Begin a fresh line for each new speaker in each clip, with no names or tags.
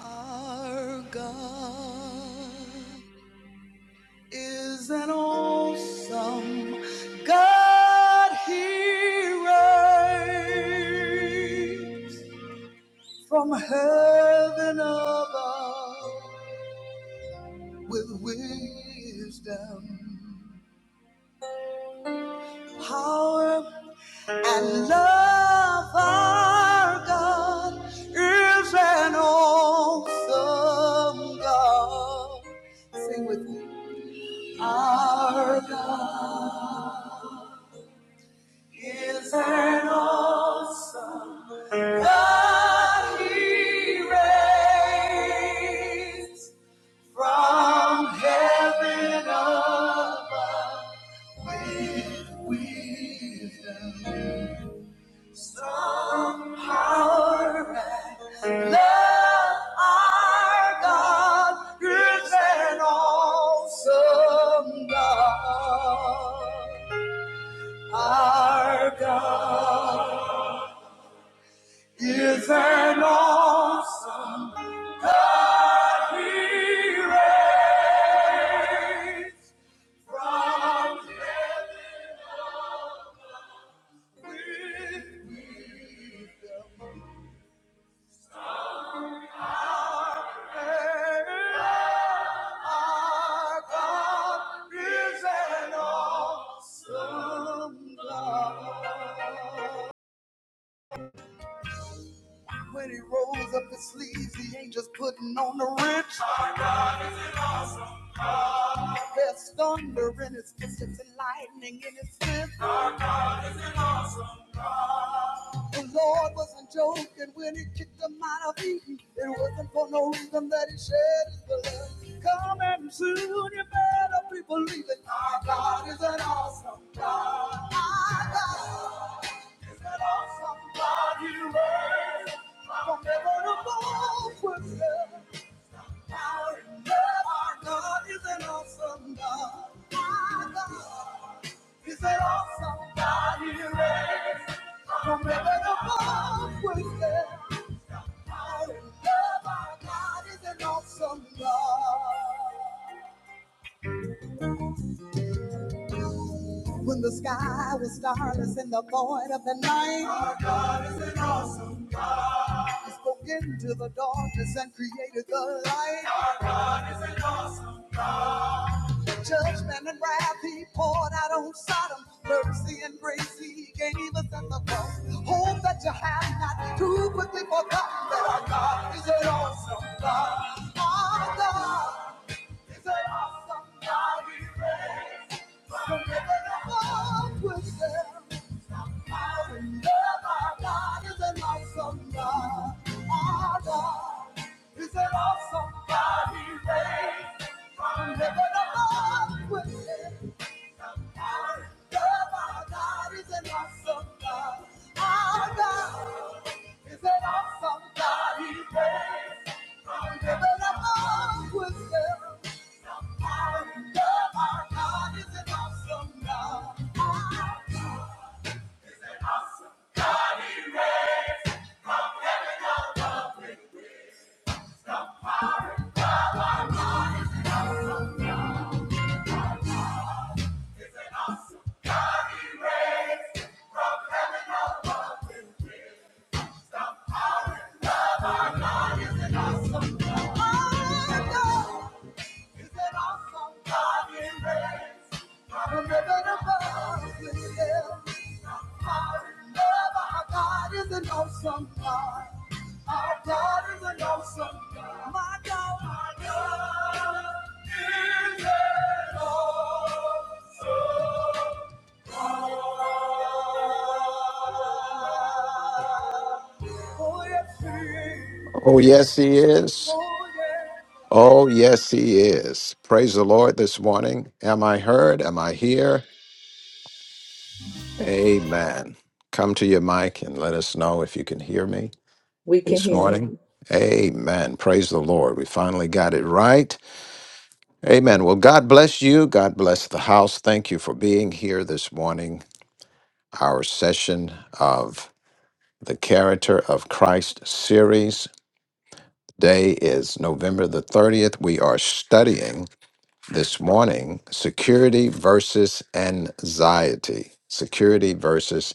Our God is an awesome God. He reigns from heaven above with wisdom, power, and love. Our God is an awesome God. Sing with me. Our God is an awesome God. He reigns from heaven above with wisdom, some power and love. Our God is an awesome God. Our God. is an awesome God he read from heaven with wisdom. Our God is an awesome God. When he rolls up his sleeves, He ain't just putting on the rich. There's thunder in his fists and lightning in his fist. An awesome The Lord wasn't joking when he kicked him out of Eden. It wasn't for no reason that he shed his blood. Coming soon you better be believing. Our God is an awesome God. Our God is an awesome God. From heaven above with power and love. Our God Our God is an awesome God. Our God is an awesome God. He reigns from heaven above with love. Our love, our God is an awesome love. When the sky was starless in the void of the night, God is an awesome. love. He spoke into the darkness and created the light. God is an awesome. love. Judgment and wrath he poured out on Sodom. Mercy and grace he gave us at the cross. Hope that you have not too quickly forgotten that our God is an awesome God. Our God. It's an awesome God we praise. From heaven above we sing. Our love, our God is an awesome God. Our God is an awesome God we praise. From heaven above we sing. Our love, our God is an awesome God. Our God is an awesome God we praise. From heaven above we sing. Our God, our God is an Awesome God, our God is an awesome God. My God, is an awesome God. He reigns from heaven above with him. Our love, our God is an awesome God. Our God is an awesome God. my God our God is an awesome God. Oh yes, he is.
Oh, yes,
Yes, he
he
is.
is.
Oh yeah.
Oh, yes, he is. Praise the Lord this morning. Am I heard? Am I here? Amen. Come to your mic and let us know if you can hear me
We can
this
hear you.
morning. Amen. Praise the Lord. We finally got it right. Amen. Well, God bless you. God bless the house. Thank you for being here this morning. Our session of the Character of Christ series. Day is November the 30th. We are studying. this morning security versus anxiety. Security versus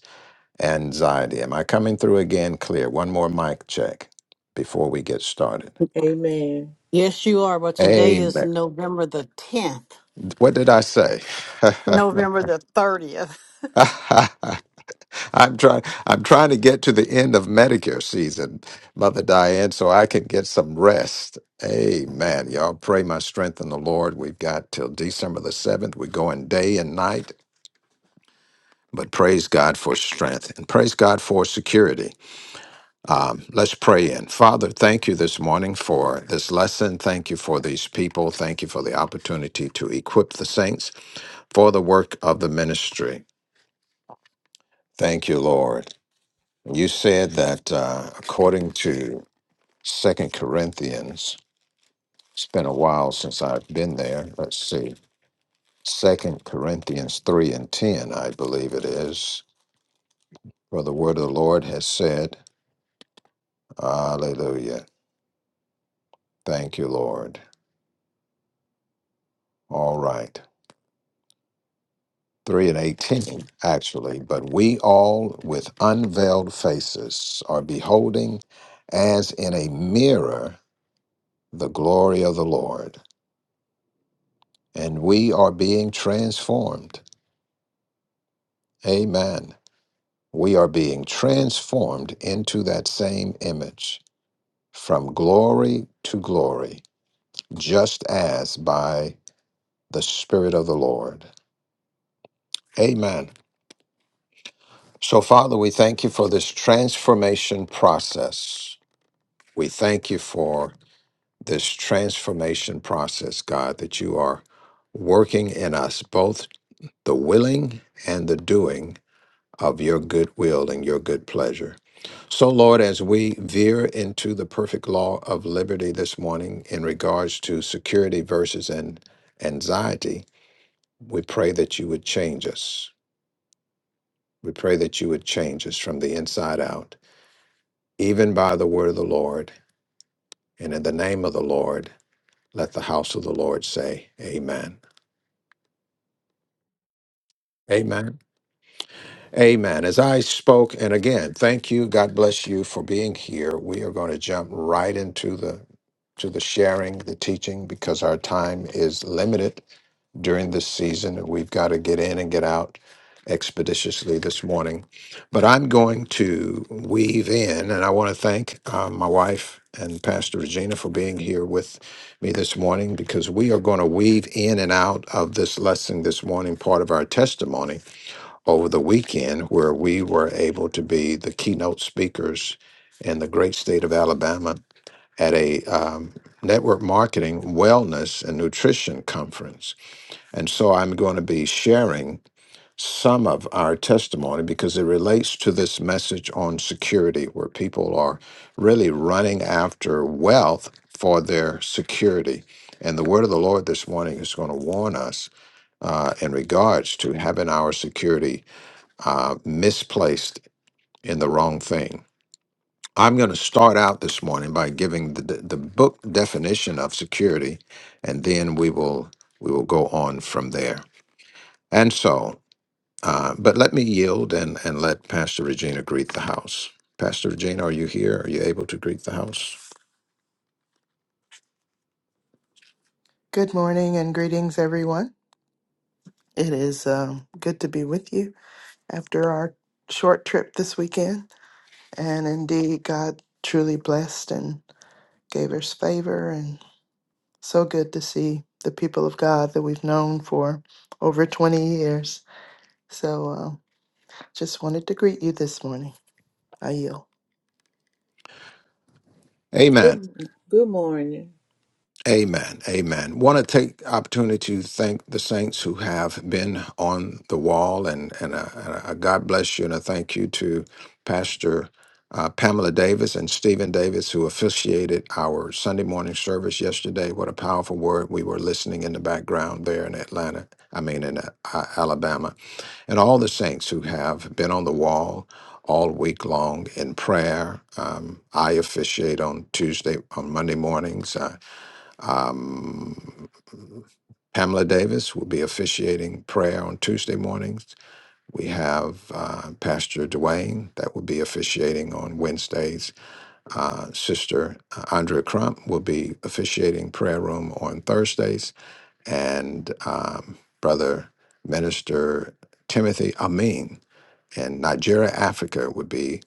anxiety. Am I coming through again clear? One more mic check before we get started.
Amen.
Yes, you are. But today is
Amen.
November the 10th.
What did I say?
November the 30th.
I'm trying I'm trying to get to the end of Medicare season, Mother Diane, so I can get some rest. Amen. Y'all pray my strength in the Lord. We've got till December the 7th. We're going day and night But praise God for strength and praise God for security. Um, let's pray in. Father, thank you this morning for this lesson. Thank you for these people. Thank you for the opportunity to equip the saints for the work of the ministry. Thank you, Lord. You said that uh, according to Second Corinthians, it's been a while since I've been there. Let's see. Second Corinthians 3 and 10, I believe it is. For the word of the Lord has said, Hallelujah. Thank you, Lord. All right. 3 and 18, actually. But we all, with unveiled faces, are beholding as in a mirror the glory of the Lord, and we are being transformed. Amen. We are being transformed into that same image from glory to glory, just as by the Spirit of the Lord. Amen. So, Father, we thank you for this transformation process. We thank you for this transformation process, God, that you are working in us, both the willing and the doing of your good will and your good pleasure. So, Lord, as we veer into the perfect law of liberty this morning in regards to security versus an anxiety, we pray that you would change us. We pray that you would change us from the inside out even by the word of the Lord, and in the name of the Lord, let the house of the Lord say, Amen. Amen. Amen. As I spoke, and again, thank you. God bless you for being here. We are going to jump right into the to the sharing, the teaching, because our time is limited. during this season, and we've got to get in and get out expeditiously this morning. But I'm going to weave in, and I want to thank um, my wife and Pastor Regina for being here with me this morning because we are going to weave in and out of this lesson this morning, part of our testimony over the weekend, where we were able to be the keynote speakers in the great state of Alabama at a um, network marketing, wellness, and nutrition conference. And so I'm going to be sharing some of our testimony because it relates to this message on security, where people are really running after wealth for their security. And the word of the Lord this morning is going to warn us uh, in regards to having our security uh, misplaced in the wrong thing. I'm going to start out this morning by giving the, the book definition of security, and then we will we will go on from there. And so Uh, but let me yield and, and let Pastor Regina greet the house. Pastor Regina, are you here? Are you able to greet the house?
Good morning and greetings, everyone. It is um, good to be with you after our short trip this weekend. And indeed, God truly blessed and gave us favor. And so good to see the people of God that we've known for over 20 years. So um, just wanted to greet you this morning. I yield.
Amen.
Good, good morning.
Amen. Amen. Want to take the opportunity to thank the saints who have been on the wall and and a, and a God bless you and a thank you to Pastor uh, Pamela Davis and Stephen Davis who officiated our Sunday morning service yesterday. What a powerful word! We were listening in the background there in Atlanta. I mean in uh, Alabama and all the saints who have been on the wall all week long in prayer. Um, I officiate on Tuesday, on Monday mornings. Uh, um, Pamela Davis will be officiating prayer on Tuesday mornings. We have uh, Pastor Dwayne that will be officiating on Wednesdays. Uh, Sister uh, Andrea Crump will be officiating prayer room on Thursdays. And um, Brother Minister Timothy Amin and Nigeria, Africa would be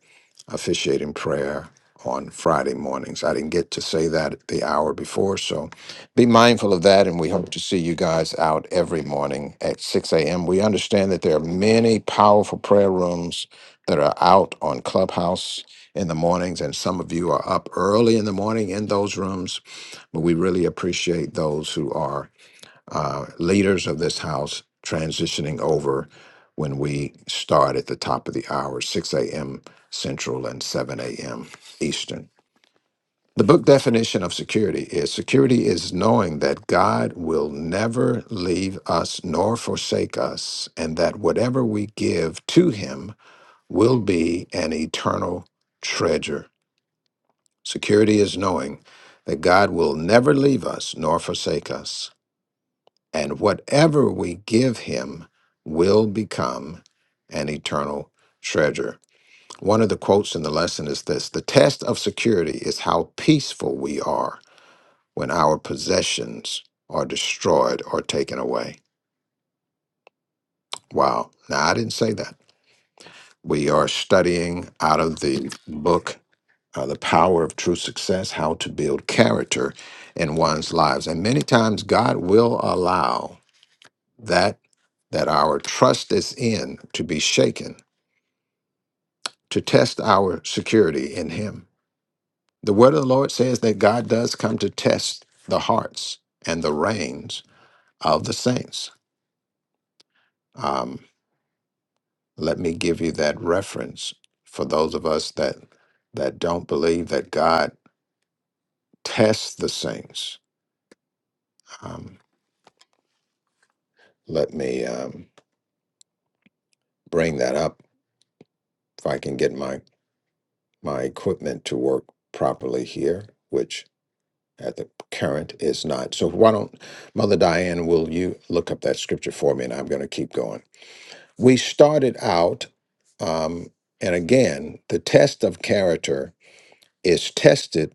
officiating prayer on Friday mornings. I didn't get to say that the hour before, so be mindful of that. And we hope to see you guys out every morning at 6 a.m. We understand that there are many powerful prayer rooms that are out on Clubhouse in the mornings, and some of you are up early in the morning in those rooms, but we really appreciate those who are uh, leaders of this house transitioning over when we start at the top of the hour, 6 a.m. Central and 7 a.m. Eastern. The book definition of security is security is knowing that God will never leave us nor forsake us, and that whatever we give to Him will be an eternal treasure. Security is knowing that God will never leave us nor forsake us and whatever we give him will become an eternal treasure. One of the quotes in the lesson is this The test of security is how peaceful we are when our possessions are destroyed or taken away. Wow. Now, I didn't say that. We are studying out of the book, uh, The Power of True Success How to Build Character in One's Lives. And many times, God will allow that that our trust is in to be shaken, to test our security in Him. The word of the Lord says that God does come to test the hearts and the reins of the saints. Um, let me give you that reference for those of us that that don't believe that God tests the saints. Um, let me um, bring that up if I can get my my equipment to work properly here, which at the current is not. So why don't Mother Diane, will you look up that scripture for me? And I'm going to keep going. We started out, um, and again, the test of character is tested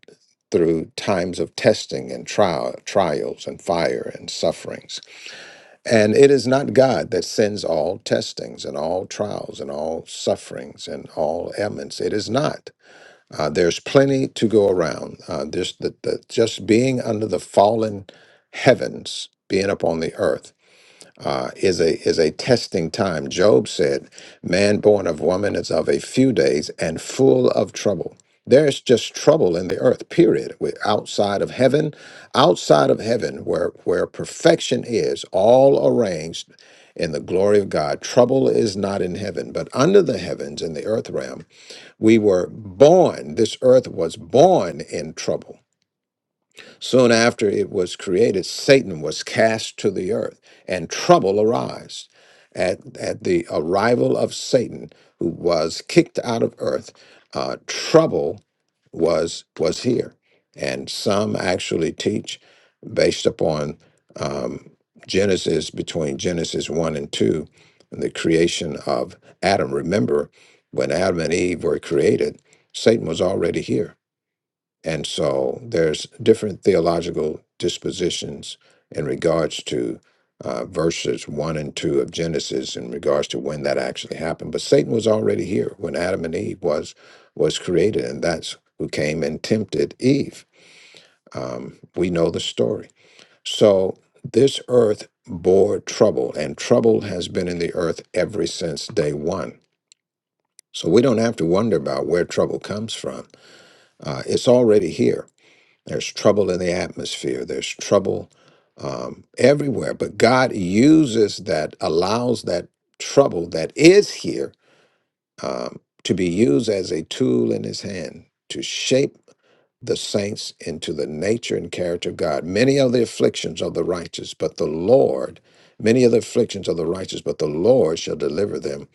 through times of testing and trial, trials and fire and sufferings. And it is not God that sends all testings and all trials and all sufferings and all ailments. It is not. Uh, there's plenty to go around. Uh, this, the, the, just being under the fallen heavens, being upon the earth, uh, is a is a testing time. Job said, "Man born of woman is of a few days and full of trouble." There's just trouble in the earth. Period. we outside of heaven, outside of heaven, where where perfection is, all arranged in the glory of God. Trouble is not in heaven, but under the heavens in the earth realm we were born, this earth was born in trouble. Soon after it was created, Satan was cast to the earth, and trouble arose at, at the arrival of Satan, who was kicked out of earth. Uh, trouble was was here, and some actually teach based upon um, Genesis between Genesis one and two, the creation of Adam. Remember, when Adam and Eve were created, Satan was already here and so there's different theological dispositions in regards to uh, verses one and two of Genesis in regards to when that actually happened. But Satan was already here when Adam and Eve was was created, and that's who came and tempted Eve. Um, we know the story. So this earth bore trouble, and trouble has been in the earth ever since day one. So we don't have to wonder about where trouble comes from. Uh, it's already here there's trouble in the atmosphere. There's trouble um, everywhere. But God uses that, allows that trouble that is here um, to be used as a tool in His hand to shape the saints into the nature and character of God. Many are the afflictions of the righteous, but the Lord, many are the afflictions of the righteous, but the Lord shall deliver them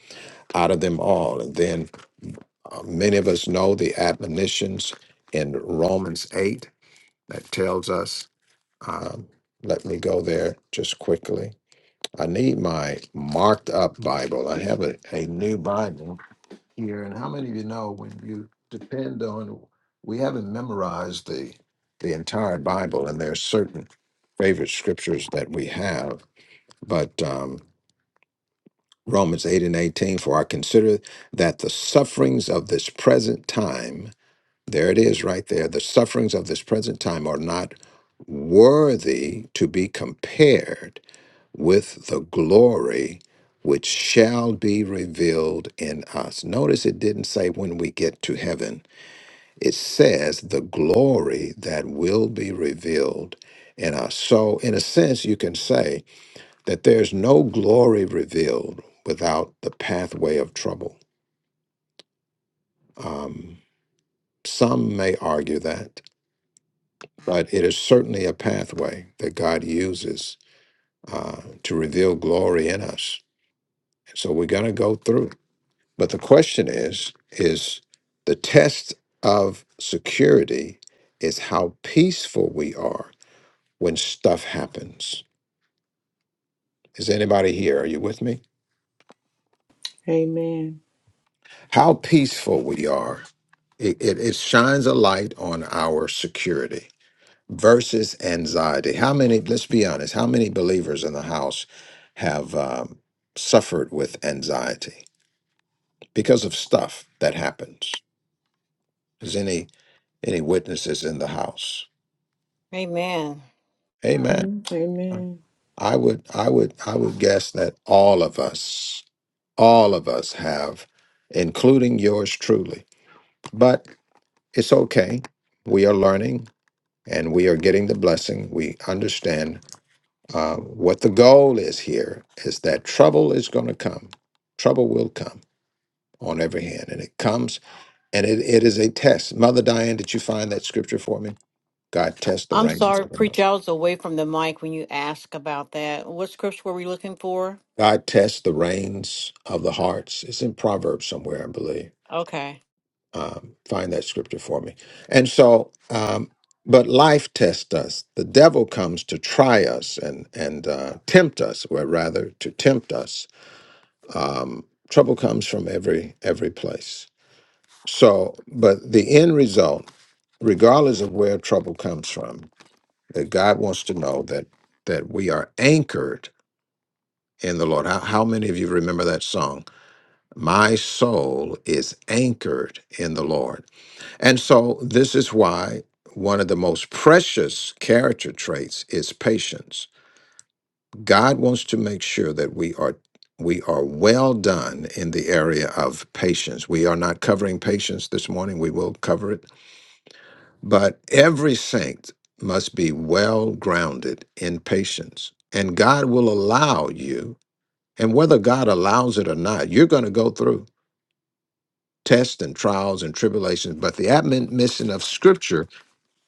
out of them all. And then uh, many of us know the admonitions in Romans 8 that tells us um, let me go there just quickly. I need my marked up Bible. I have a, a new Bible here. And how many of you know when you depend on, we haven't memorized the, the entire Bible, and there's certain favorite scriptures that we have. But um, Romans 8 and 18, for I consider that the sufferings of this present time, there it is right there, the sufferings of this present time are not worthy to be compared with the glory which shall be revealed in us. Notice it didn't say when we get to heaven, it says the glory that will be revealed in us. So, in a sense, you can say that there's no glory revealed without the pathway of trouble. Um, some may argue that, but it is certainly a pathway that God uses uh, to reveal glory in us. So we're going to go through But the question is, is the test of security is how peaceful we are when stuff happens. Is anybody here? Are you with me?
Amen.
How peaceful we are. It, it, it shines a light on our security versus anxiety. How many, let's be honest, how many believers in the house have um, suffered with anxiety because of stuff that happens? Is any any witnesses in the house?
Amen.
Amen.
Mhm. Amen.
I would, I would, I would guess that all of us, all of us have, including yours truly. But it's okay. We are learning and we are getting the blessing. We understand uh, what the goal is here is that trouble is going to come. Trouble will come on every hand. And it comes and it, it is a test. Mother Diane, did you find that scripture for me? God tests the
I'm
reins.
sorry,
of the heart.
preacher. I was away from the mic when you asked about that. What scripture were we looking for?
God tests the reins of the hearts. It's in Proverbs somewhere, I believe.
Okay.
um, find that scripture for me. And so, um, but life tests us. The devil comes to try us and and uh, tempt us, or rather, to tempt us. Um, trouble comes from every every place. So, but the end result, regardless of where trouble comes from, that God wants to know that that we are anchored in the Lord. How, how many of you remember that song? My soul is anchored in the Lord. And so, this is why one of the most precious character traits is patience. God wants to make sure that we are we are well done in the area of patience. We are not covering patience this morning. We will cover it, but every saint must be well grounded in patience. And God will allow you, and whether God allows it or not, you're going to go through tests and trials and tribulations. But the admonition of Scripture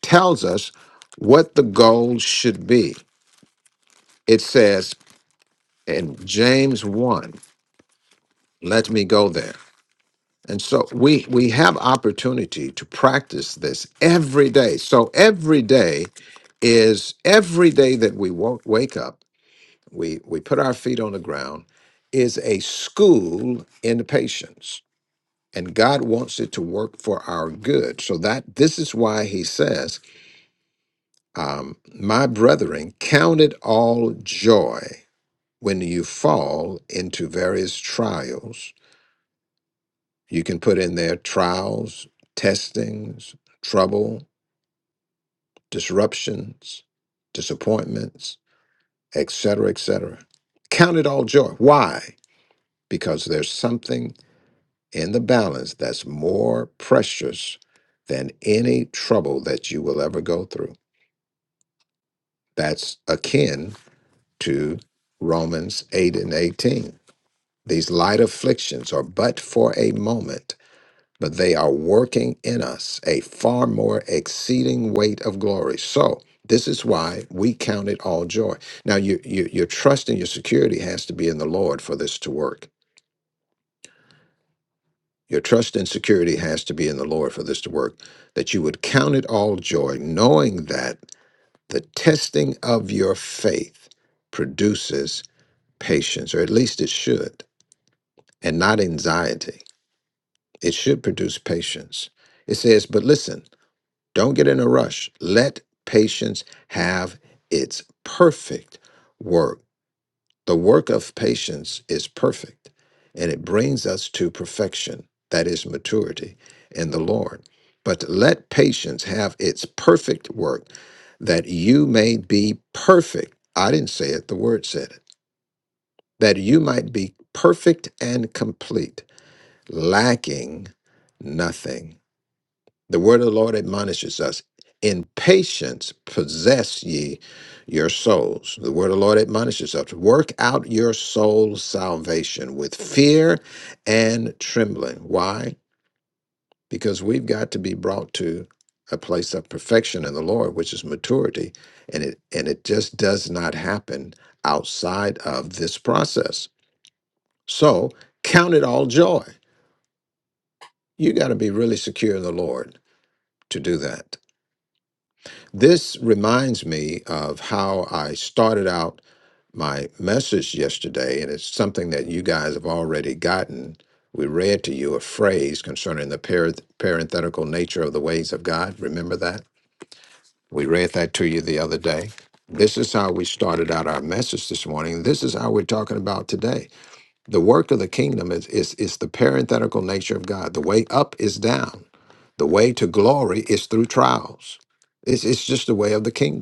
tells us what the goal should be. It says in James 1, let me go there. And so we we have opportunity to practice this every day. So every day is every day that we wo- wake up, we we put our feet on the ground is a school in patience. And God wants it to work for our good. So that this is why he says, um, my brethren, count it all joy when you fall into various trials, you can put in there trials, testings, trouble, disruptions, disappointments, etc., etc. Count it all joy. Why? Because there's something in the balance that's more precious than any trouble that you will ever go through. That's akin to Romans 8 and 18. These light afflictions are but for a moment but they are working in us a far more exceeding weight of glory. So this is why we count it all joy. Now you, you, your trust and your security has to be in the Lord for this to work. Your trust and security has to be in the Lord for this to work. That you would count it all joy, knowing that the testing of your faith produces patience, or at least it should, and not anxiety. It should produce patience. It says, but listen. Don't get in a rush. Let patience have its perfect work. The work of patience is perfect, and it brings us to perfection, that is maturity in the Lord. But let patience have its perfect work, that you may be perfect. I didn't say it, the word said it. That you might be perfect and complete, lacking nothing. The word of the Lord admonishes us in patience possess ye your souls. The word of the Lord admonishes us work out your soul's salvation with fear and trembling. Why? Because we've got to be brought to a place of perfection in the Lord, which is maturity, and it and it just does not happen outside of this process. So count it all joy. You got to be really secure in the Lord to do that. This reminds me of how I started out my message yesterday, and it's something that you guys have already gotten. We read to you a phrase concerning the par- parenthetical nature of the ways of God. Remember that? We read that to you the other day. This is how we started out our message this morning. This is how we're talking about today. The work of the kingdom is, is, is the parenthetical nature of God. The way up is down, the way to glory is through trials. It's, it's just the way of the kingdom.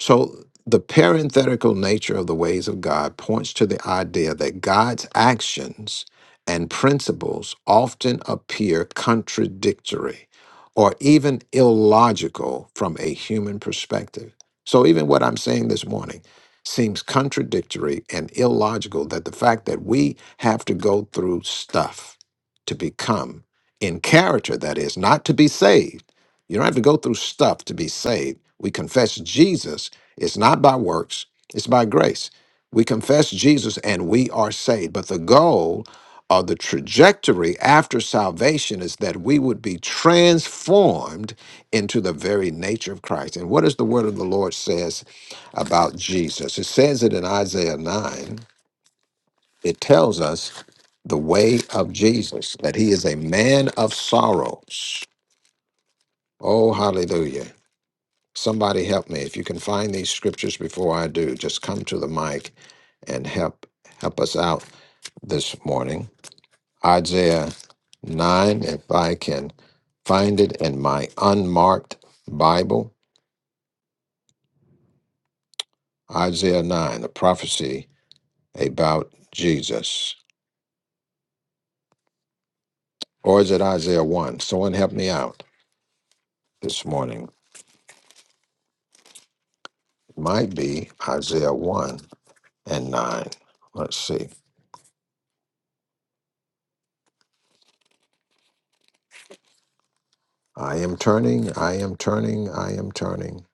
So the parenthetical nature of the ways of God points to the idea that God's actions and principles often appear contradictory or even illogical from a human perspective. So even what I'm saying this morning seems contradictory and illogical that the fact that we have to go through stuff to become in character that is not to be saved you don't have to go through stuff to be saved. We confess Jesus it's not by works, it's by grace. We confess Jesus and we are saved. But the goal or the trajectory after salvation is that we would be transformed into the very nature of Christ. And what does the word of the Lord says about Jesus? It says it in Isaiah 9. It tells us the way of Jesus, that he is a man of sorrows. Oh, hallelujah. Somebody help me. If you can find these scriptures before I do, just come to the mic and help help us out this morning. Isaiah 9, if I can find it in my unmarked Bible. Isaiah 9, the prophecy about Jesus. Or is it Isaiah 1? Someone help me out this morning. It Might be Isaiah 1 and 9. Let's see. I am turning, I am turning, I am turning.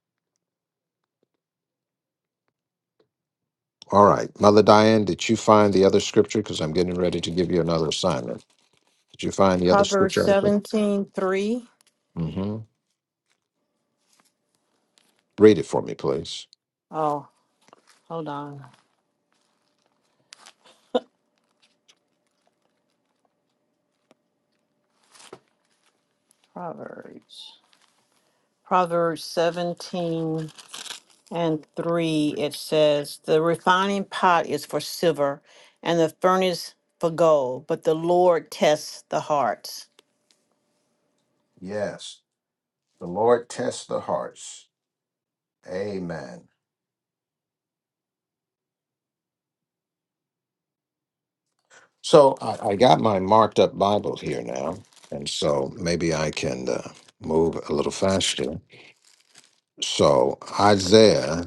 All right. Mother Diane, did you find the other scripture? Because I'm getting ready to give you another assignment. Did you find the other
Proverbs
scripture?
seventeen three.
Mm-hmm. Read it for me, please.
Oh, hold on. Proverbs. Proverbs 17 and 3. It says, The refining pot is for silver and the furnace for gold, but the Lord tests the hearts.
Yes, the Lord tests the hearts. Amen. So I, I got my marked up Bible here now, and so maybe I can uh, move a little faster. So Isaiah,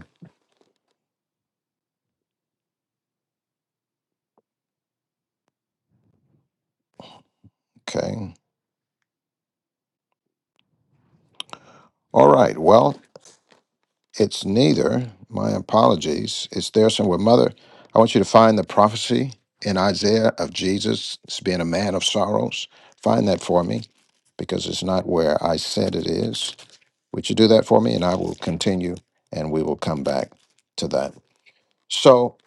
okay. All right. Well. It's neither. My apologies. It's there somewhere. Well, Mother, I want you to find the prophecy in Isaiah of Jesus being a man of sorrows. Find that for me because it's not where I said it is. Would you do that for me? And I will continue and we will come back to that. So,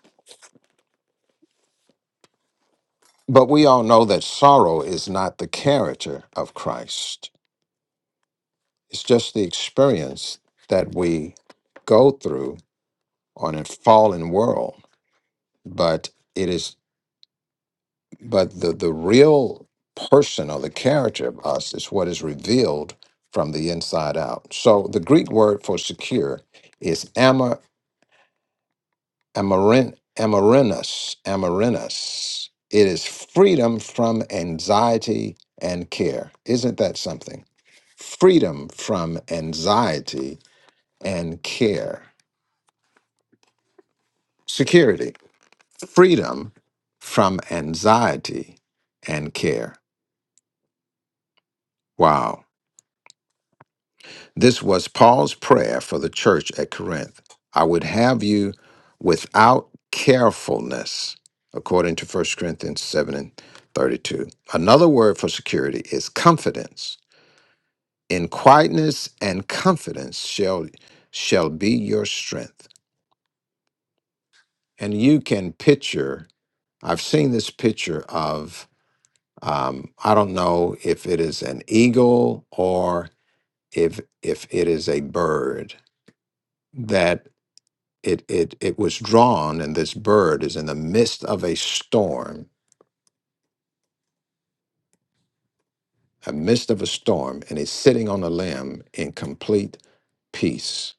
but we all know that sorrow is not the character of Christ, it's just the experience that we go through on a fallen world. But it is. But the, the real person or the character of us is what is revealed from the inside out. So the Greek word for secure is amar, amarin, amarinus, amarinus. It is freedom from anxiety and care. Isn't that something? Freedom from anxiety and care. Security. Freedom from anxiety and care. Wow. This was Paul's prayer for the church at Corinth. I would have you without carefulness, according to First Corinthians 7 and 32. Another word for security is confidence. In quietness and confidence shall shall be your strength. And you can picture, I've seen this picture of um, I don't know if it is an eagle or if if it is a bird that. it it it was drawn and this bird is in the midst of a storm a midst of a storm and he's sitting on a limb in complete peace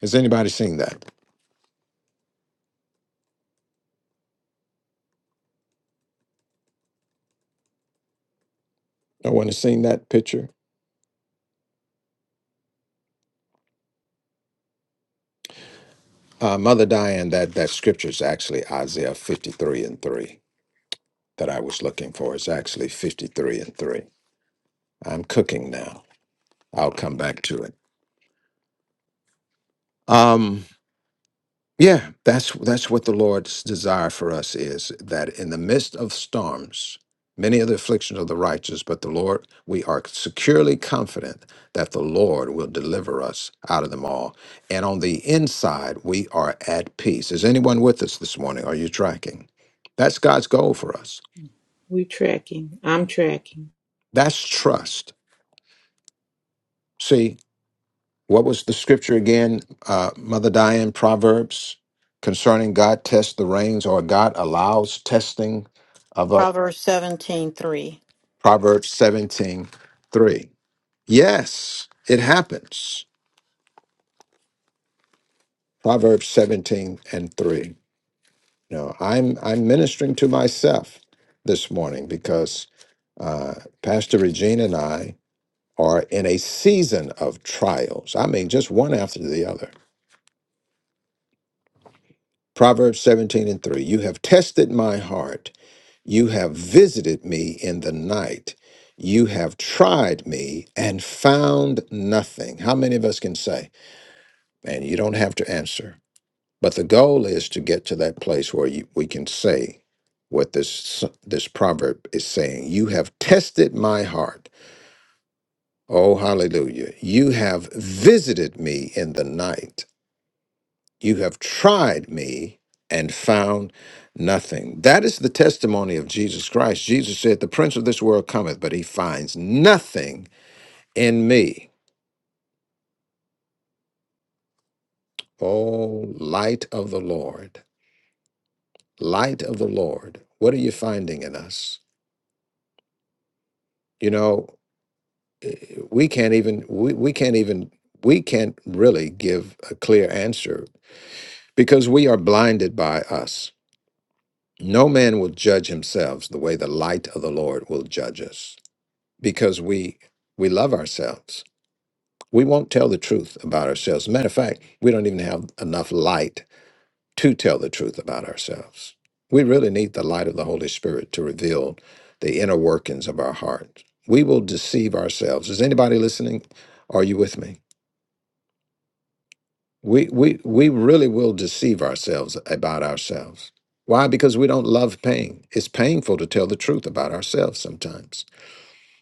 has anybody seen that no one has seen that picture uh, mother diane that that scripture is actually isaiah 53 and 3 that i was looking for It's actually 53 and 3 i'm cooking now i'll come back to it um Yeah, that's that's what the Lord's desire for us is that in the midst of storms, many are the afflictions of the righteous, but the Lord, we are securely confident that the Lord will deliver us out of them all. And on the inside, we are at peace. Is anyone with us this morning? Are you tracking? That's God's goal for us.
We tracking. I'm tracking.
That's trust. See, What was the scripture again, uh, Mother Diane? Proverbs concerning God tests the reins, or God allows testing of a
Proverbs seventeen three.
Proverbs seventeen three. Yes, it happens. Proverbs seventeen and three. No, I'm I'm ministering to myself this morning because uh, Pastor Regina and I are in a season of trials. I mean, just one after the other. Proverbs seventeen and three. You have tested my heart You have visited me in the night. You have tried me and found nothing. How many of us can say, man, you don't have to answer? But the goal is to get to that place where you, we can say what this, this proverb is saying You have tested my heart. Oh, hallelujah. You have visited me in the night. You have tried me and found nothing. That is the testimony of Jesus Christ. Jesus said, The prince of this world cometh, but he finds nothing in me. Oh, light of the Lord, light of the Lord, what are you finding in us? You know, we can't even, we, we can't even, we can't really give a clear answer because we are blinded by us. No man will judge himself the way the light of the Lord will judge us. because we we love ourselves. We won't tell the truth about ourselves. Matter of fact, we don't even have enough light to tell the truth about ourselves. We really need the light of the Holy Spirit to reveal the inner workings of our heart. We will deceive ourselves. Is anybody listening? Are you with me? We we we really will deceive ourselves about ourselves. Why? Because we don't love pain. It's painful to tell the truth about ourselves sometimes.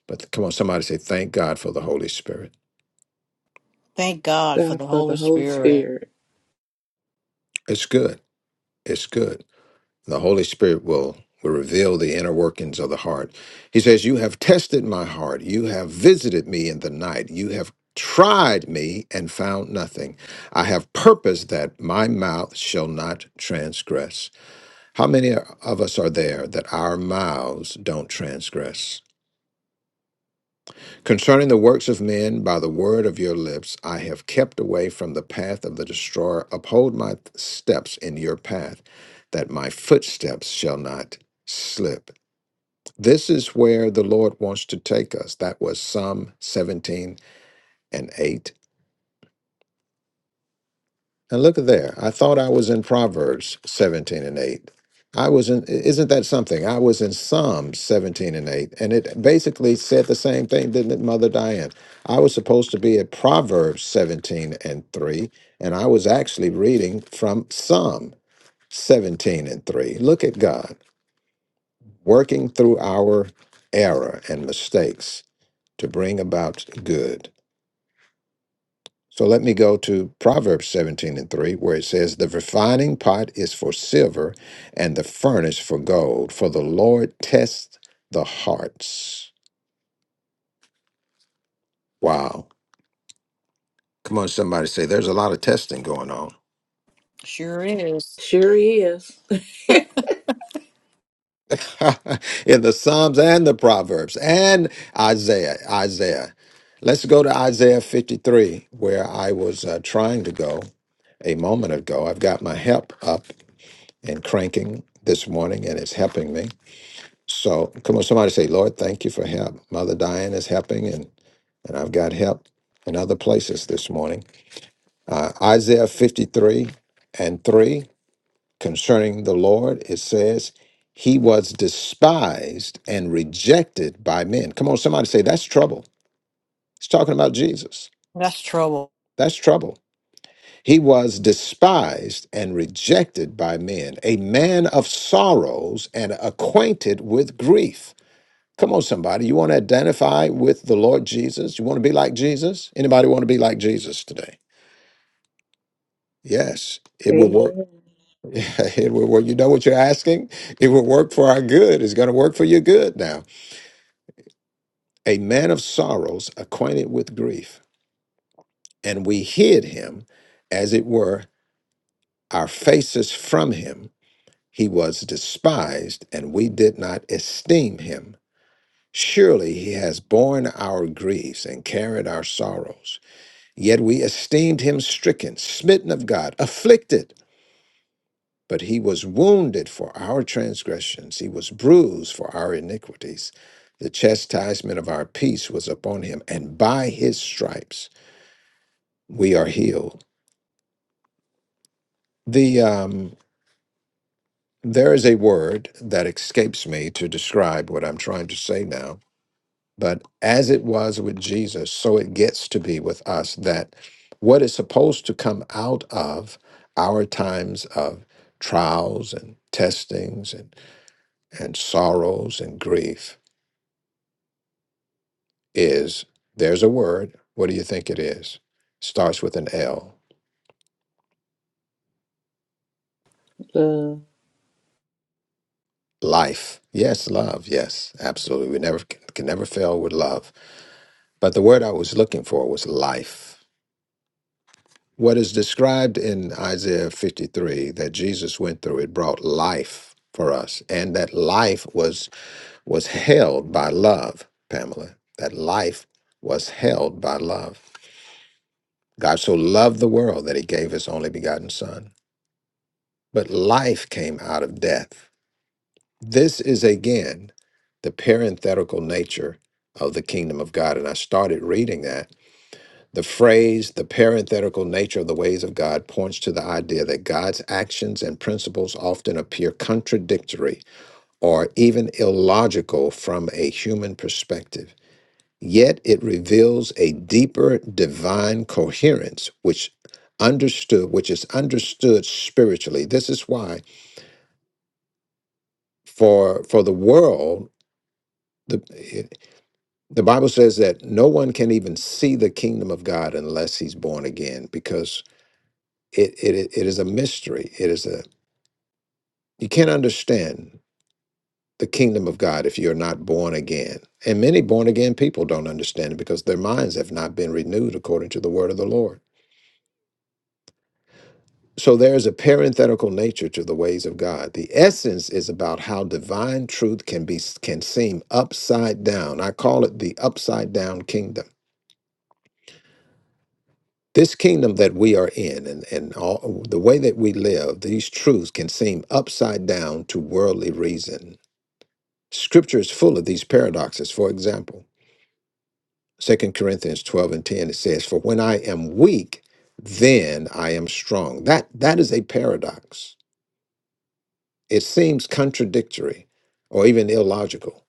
But come on, somebody say, thank God for the Holy Spirit.
Thank God for
God
the
for the
Holy
Holy
Spirit.
Spirit.
It's good. It's good. The Holy Spirit will will reveal the inner workings of the heart. He says, "You have tested my heart. You have visited me in the night. You have tried me and found nothing. I have purposed that my mouth shall not transgress." How many of us are there that our mouths don't transgress? Concerning the works of men, by the word of your lips, I have kept away from the path of the destroyer. Uphold my steps in your path, that my footsteps shall not slip. This is where the Lord wants to take us. That was Psalm 17 and 8. And look at there. I thought I was in Proverbs 17 and 8. I was in, isn't that something? I was in Psalms 17 and 8. And it basically said the same thing, didn't it, Mother Diane? I was supposed to be at Proverbs 17 and 3, and I was actually reading from Psalm 17 and 3. Look at God working through our error and mistakes to bring about good. So let me go to Proverbs 17 and 3, where it says, The refining pot is for silver and the furnace for gold, for the Lord tests the hearts. Wow. Come on, somebody say, There's a lot of testing going on
Sure is.
Sure he is.
in the Psalms and the Proverbs and Isaiah. Isaiah. Let's go to Isaiah 53, where I was uh, trying to go a moment ago. I've got my help up and cranking this morning, and it's helping me. So come on, somebody say, Lord, thank you for help. Mother Diane is helping, and, and I've got help in other places this morning. Uh, Isaiah 53 and 3 concerning the Lord, it says, He was despised and rejected by men. Come on, somebody say, that's trouble. It's talking about Jesus.
That's trouble.
That's trouble. He was despised and rejected by men, a man of sorrows and acquainted with grief Come on, somebody. You want to identify with the Lord Jesus? You want to be like Jesus? Anybody want to be like Jesus today? Yes, it will work.
Amen.
It will work. You know what you're asking? It will work for our good. It's going to work for your good now. A man of sorrows, acquainted with grief, and we hid him, as it were, our faces from him. He was despised, and we did not esteem him. Surely he has borne our griefs and carried our sorrows. Yet we esteemed him stricken, smitten of God, afflicted. But he was wounded for our transgressions, he was bruised for our iniquities. The chastisement of our peace was upon him, and by his stripes we are healed. The um, there is a word that escapes me to describe what I'm trying to say now, But as it was with Jesus, so it gets to be with us that what is supposed to come out of our times of trials and testings and, and sorrows and grief is there's a word. What do you think it is? Starts with an L.
Love.
Life. Yes, love. Yes, absolutely. We never can never fail with love. But the word I was looking for was life. What is described in Isaiah 53 that Jesus went through, it brought life for us. And that life was was held by love, Pamela. That life was held by love. God so loved the world that he gave his only begotten son. But life came out of death. This is again the parenthetical nature of the kingdom of God. And I started reading that The phrase, the parenthetical nature of the ways of God, points to the idea that God's actions and principles often appear contradictory or even illogical from a human perspective. Yet it reveals a deeper divine coherence which understood which is understood spiritually. This is why for for the world the it, the Bible says that no one can even see the kingdom of God unless he's born again because It, it, it is a mystery. It is a, you can't understand the kingdom of God if you're not born again. And many born again people don't understand it because their minds have not been renewed according to the word of the Lord. So there is a parenthetical nature to the ways of God. The essence is about how divine truth can be can seem upside down. I call it the upside down kingdom. This kingdom that we are in and, and all, the way that we live, these truths can seem upside down to worldly reason Scripture is full of these paradoxes. For example, Second Corinthians 12 and 10, it says, For when I am weak, then I am strong. That that is a paradox. It seems contradictory or even illogical.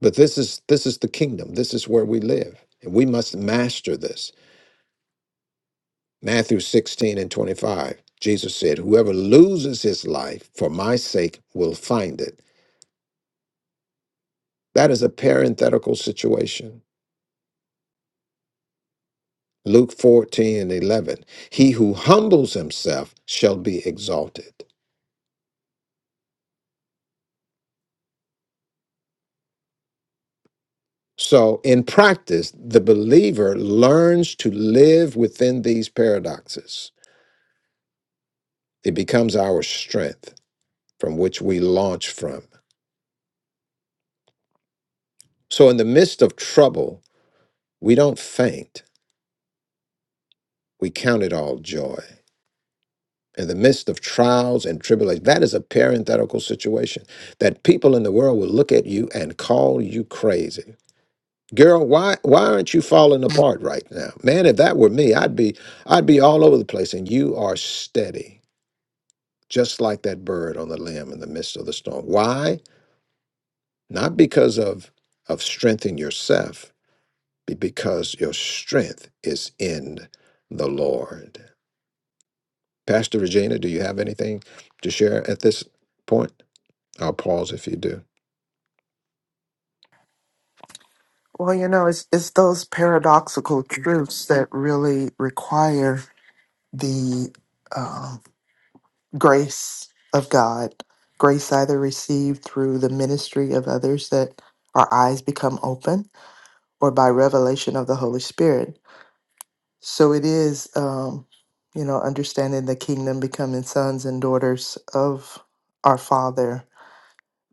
But this is this is the kingdom. This is where we live. And we must master this. Matthew 16 and 25. Jesus said, Whoever loses his life for my sake will find it. That is a parenthetical situation. Luke 14 and 11. He who humbles himself shall be exalted. So, in practice, the believer learns to live within these paradoxes. It becomes our strength from which we launch from. So, in the midst of trouble, we don't faint, we count it all joy. In the midst of trials and tribulations, that is a parenthetical situation that people in the world will look at you and call you crazy. Girl, why why aren't you falling apart right now? Man, if that were me, I'd be I'd be all over the place and you are steady, just like that bird on the limb in the midst of the storm. Why? Not because of of strength in yourself, but because your strength is in the Lord. Pastor Regina, do you have anything to share at this point? I'll pause if you do.
Well, you know, it's it's those paradoxical truths that really require the um, grace of God, grace either received through the ministry of others that our eyes become open or by revelation of the Holy Spirit. So it is, um, you know, understanding the kingdom, becoming sons and daughters of our Father.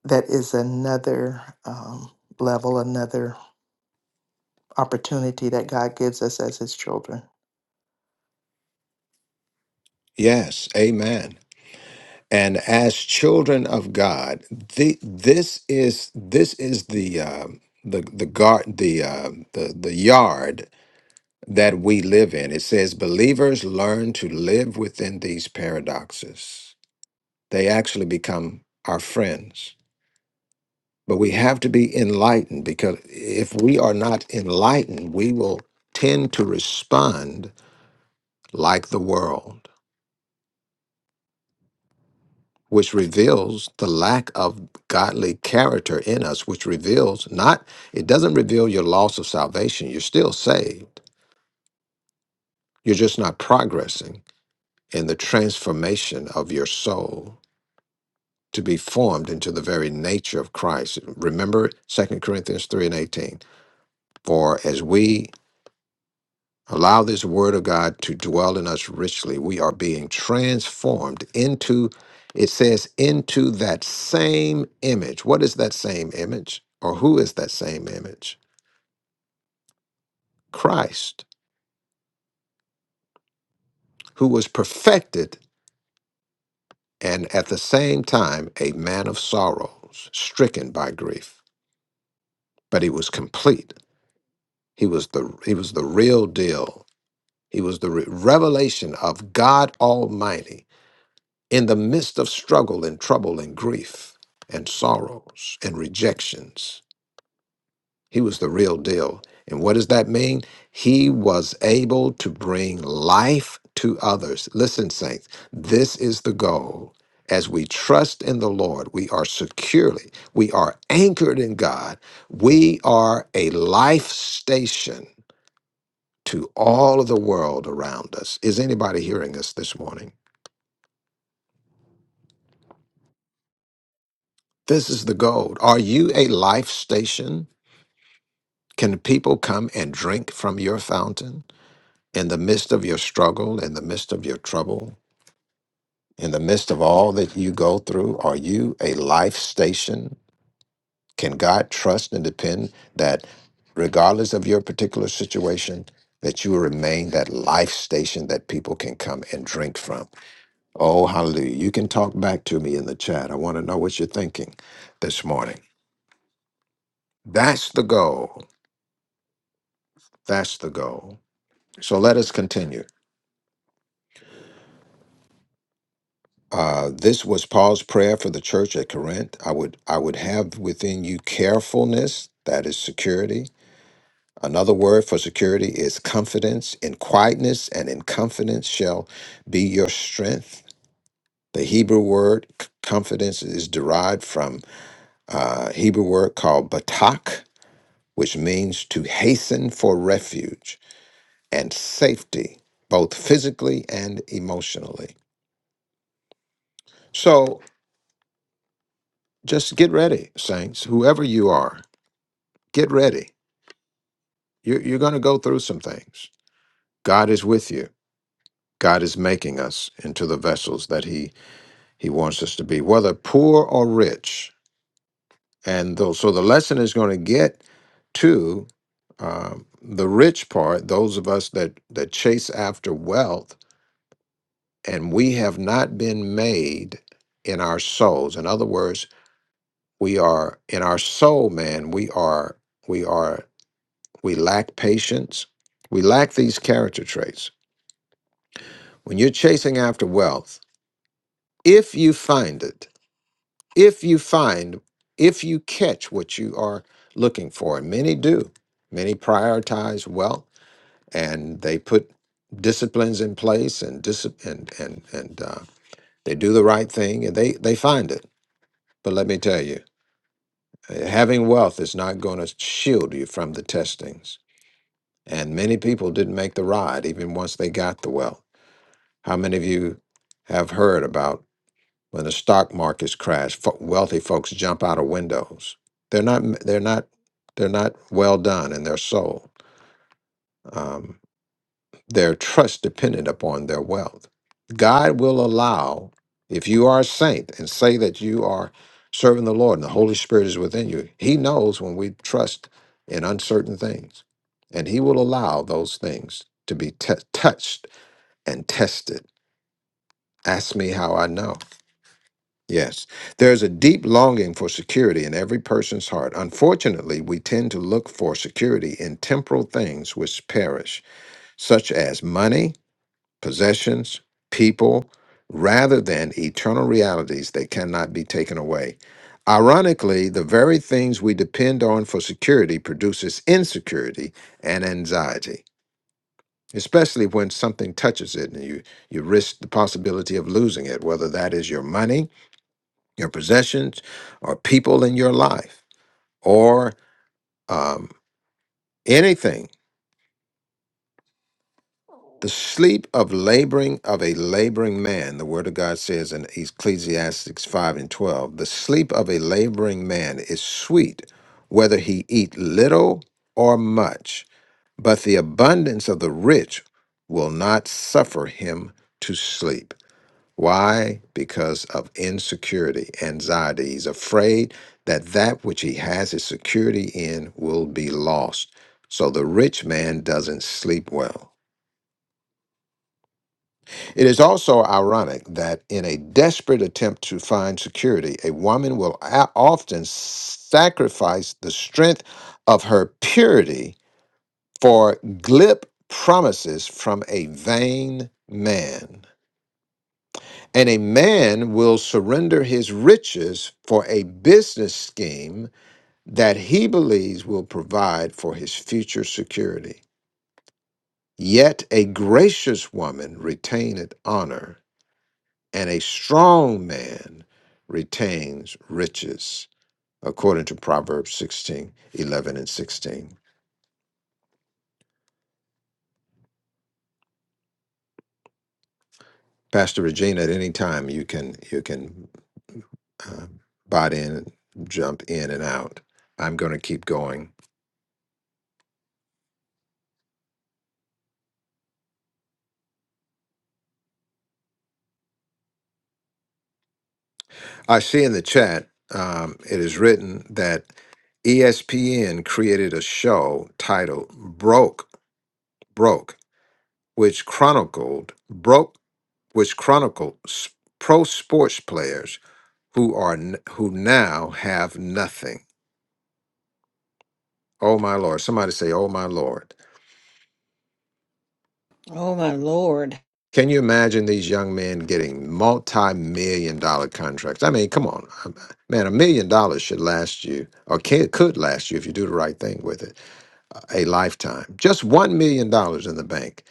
That is another um, level, another opportunity that God gives us as His children.
Yes, amen. and as children of God, the, this is this is the um the the guard the uh, the the yard that we live in. It says believers learn to live within these paradoxes. They actually become our friends, but we have to be enlightened because if we are not enlightened, we will tend to respond like the world. which reveals the lack of godly character in us, which reveals not, it doesn't reveal your loss of salvation. You're still saved. You're just not progressing in the transformation of your soul to be formed into the very nature of Christ. Remember Second Corinthians 3 and 18. For as we Allow this word of God to dwell in us richly. We are being transformed into, it says, into that same image. What is that same image? Or who is that same image? Christ, who was perfected and at the same time a man of sorrows, stricken by grief. But he was complete. He was the he was the real deal. He was the re- revelation of God Almighty in the midst of struggle and trouble and grief and sorrows and rejections. He was the real deal. And what does that mean? He was able to bring life to others. Listen, saints, this is the goal. As we trust in the Lord, we are securely, we are anchored in God. We are a life station to all of the world around us. Is anybody hearing us this morning? This is the gold. Are you a life station? Can people come and drink from your fountain in the midst of your struggle, in the midst of your trouble, in the midst of all that you go through? Are you a life station? Can God trust and depend that regardless of your particular situation, that you will remain that life station that people can come and drink from? Oh, hallelujah. You can talk back to me in the chat. I want to know what you're thinking this morning. That's the goal. That's the goal. So let us continue. Uh, this was Paul's prayer for the church at Corinth. I would I would have within you carefulness, that is security. Another word for security is confidence. In quietness and in confidence shall be your strength. The Hebrew word c- confidence is derived from a Hebrew word called batak, which means to hasten for refuge and safety, both physically and emotionally. So Just get ready, saints. Whoever you are, get ready. You're, you're going to go through some things. God is with you. God is making us into the vessels that He He wants us to be, whether poor or rich. And though, so the lesson is going to get to um, the rich part. Those of us that that chase after wealth, and we have not been made in our souls. In other words, we are in our soul, man. We are we are We lack patience. We lack these character traits. When you're chasing after wealth, if you find it, if you find, if you catch what you are looking for, and many do, many prioritize wealth and they put disciplines in place and dis- and and, and uh, they do the right thing and they they find it. But let me tell you, uh, having wealth is not going to shield you from the testings. And many people didn't make the ride even once they got the wealth. How many of you have heard about when the stock markets crash, fo- wealthy folks jump out of windows? They're not. m- They're not. They're not well done in their soul. Um, their trust dependent upon their wealth. God will allow if you are a saint and say that you are serving the Lord and the Holy Spirit is within you. He knows when we trust in uncertain things, and He will allow those things to be t- touched and tested. Ask me how I know. Yes, there's a deep longing for security in every person's heart. Unfortunately, we tend to look for security in temporal things which perish, such as money, possessions, people, rather than eternal realities that cannot be taken away. Ironically, the very things we depend on for security produces insecurity and anxiety, especially when something touches it and you, you risk the possibility of losing it, whether that is your money your possessions, or people in your life, or um, anything. The sleep of laboring of a laboring man, the word of God says in Ecclesiastes 5 and 12, the sleep of a laboring man is sweet, whether he eat little or much, but the abundance of the rich will not suffer him to sleep. Why? Because of insecurity, anxiety. He's afraid that that which he has his security in will be lost. So the rich man doesn't sleep well. It is also ironic that in a desperate attempt to find security, a woman will a- often sacrifice the strength of her purity for glib promises from a vain man. And a man will surrender his riches for a business scheme that he believes will provide for his future security. Yet a gracious woman retaineth honor, and a strong man retains riches, according to Proverbs 16, 11, and 16. Pastor Regina, at any time you can you can uh, butt in, jump in and out. I'm going to keep going I see in the chat, um, it is written that ESPN created a show titled Broke, Broke, which chronicled broke, which chronicled s- pro sports players who are n- who now have nothing. Oh my lord! Somebody say, "Oh my lord!"
Oh, my Lord.
Can you imagine these young men getting multi-million dollar contracts? I mean, come on, um, man! A million dollars should last you, or can, could last you if you do the right thing with it a lifetime. Just one million dollars in the bank.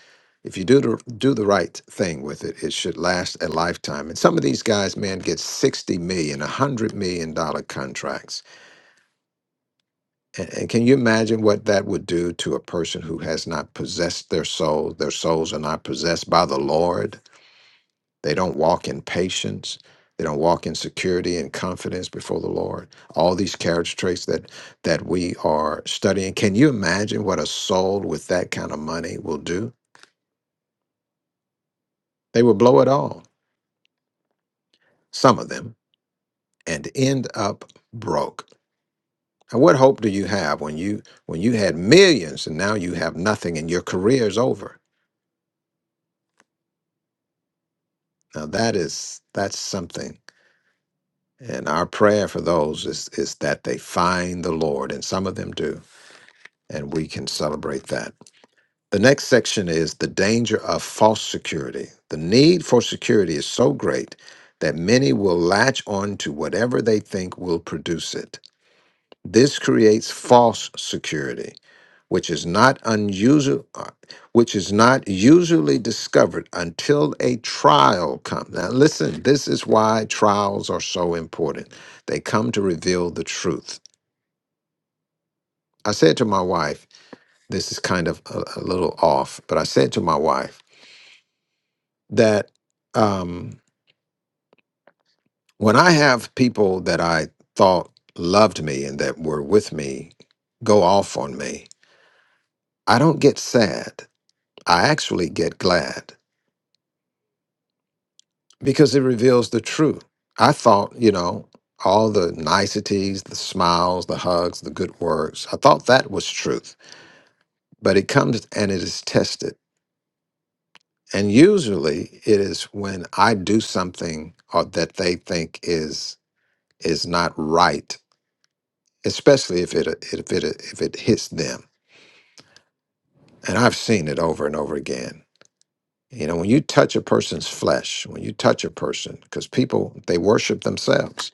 If you do the do the right thing with it, it should last a lifetime. And some of these guys, man, get 60 a million, 100 million dollar contracts. And, and can you imagine what that would do to a person who has not possessed their soul? Their souls are not possessed by the Lord they don't walk in patience. They don't walk in security and confidence before the Lord. All these character traits that that we are studying. Can you imagine what a soul with that kind of money will do? They will blow it all, some of them, and end up broke. And what hope do you have when you when you had millions and now you have nothing and your career is over? Now that is that's something. And our prayer for those is is that they find the Lord, and some of them do, and we can celebrate that. The next section is the danger of false security. The need for security is so great that many will latch on to whatever they think will produce it. This creates false security, which is not unusual, uh, which is not usually discovered until a trial comes. Now, listen, this is why trials are so important. They come to reveal the truth. I said to my wife, this is kind of a, a little off, but I said to my wife, that um, when I have people that I thought loved me and that were with me go off on me, I don't get sad. I actually get glad because it reveals the truth. I thought, you know, all the niceties, the smiles, the hugs, the good words, I thought that was truth. But it comes and it is tested. And usually it is when I do something or that they think is is not right especially if it if it if it hits them. And I've seen it over and over again. You know, when you touch a person's flesh, when you touch a person, because people they worship themselves.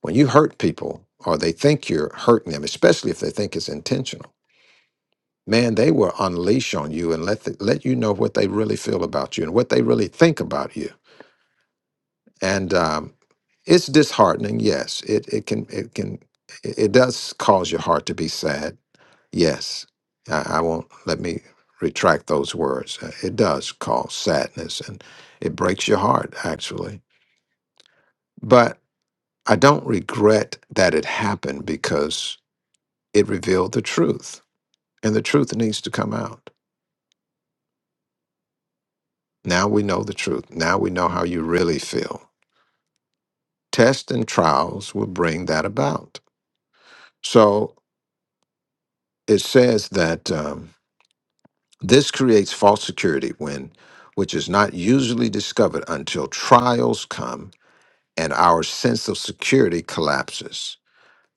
When you hurt people, or they think you're hurting them, especially if they think it's intentional, man, they will unleash on you and let the, let you know what they really feel about you and what they really think about you. And um, it's disheartening. Yes, it it can it can it it does cause your heart to be sad Yes, I, I won't let me retract those words. Uh, It does cause sadness and it breaks your heart, actually. But I don't regret that it happened because it revealed the truth and the truth needs to come out. Now we know the truth. Now we know how you really feel. Tests and trials will bring that about. So it says that um, this creates false security when, which is not usually discovered until trials come and our sense of security collapses.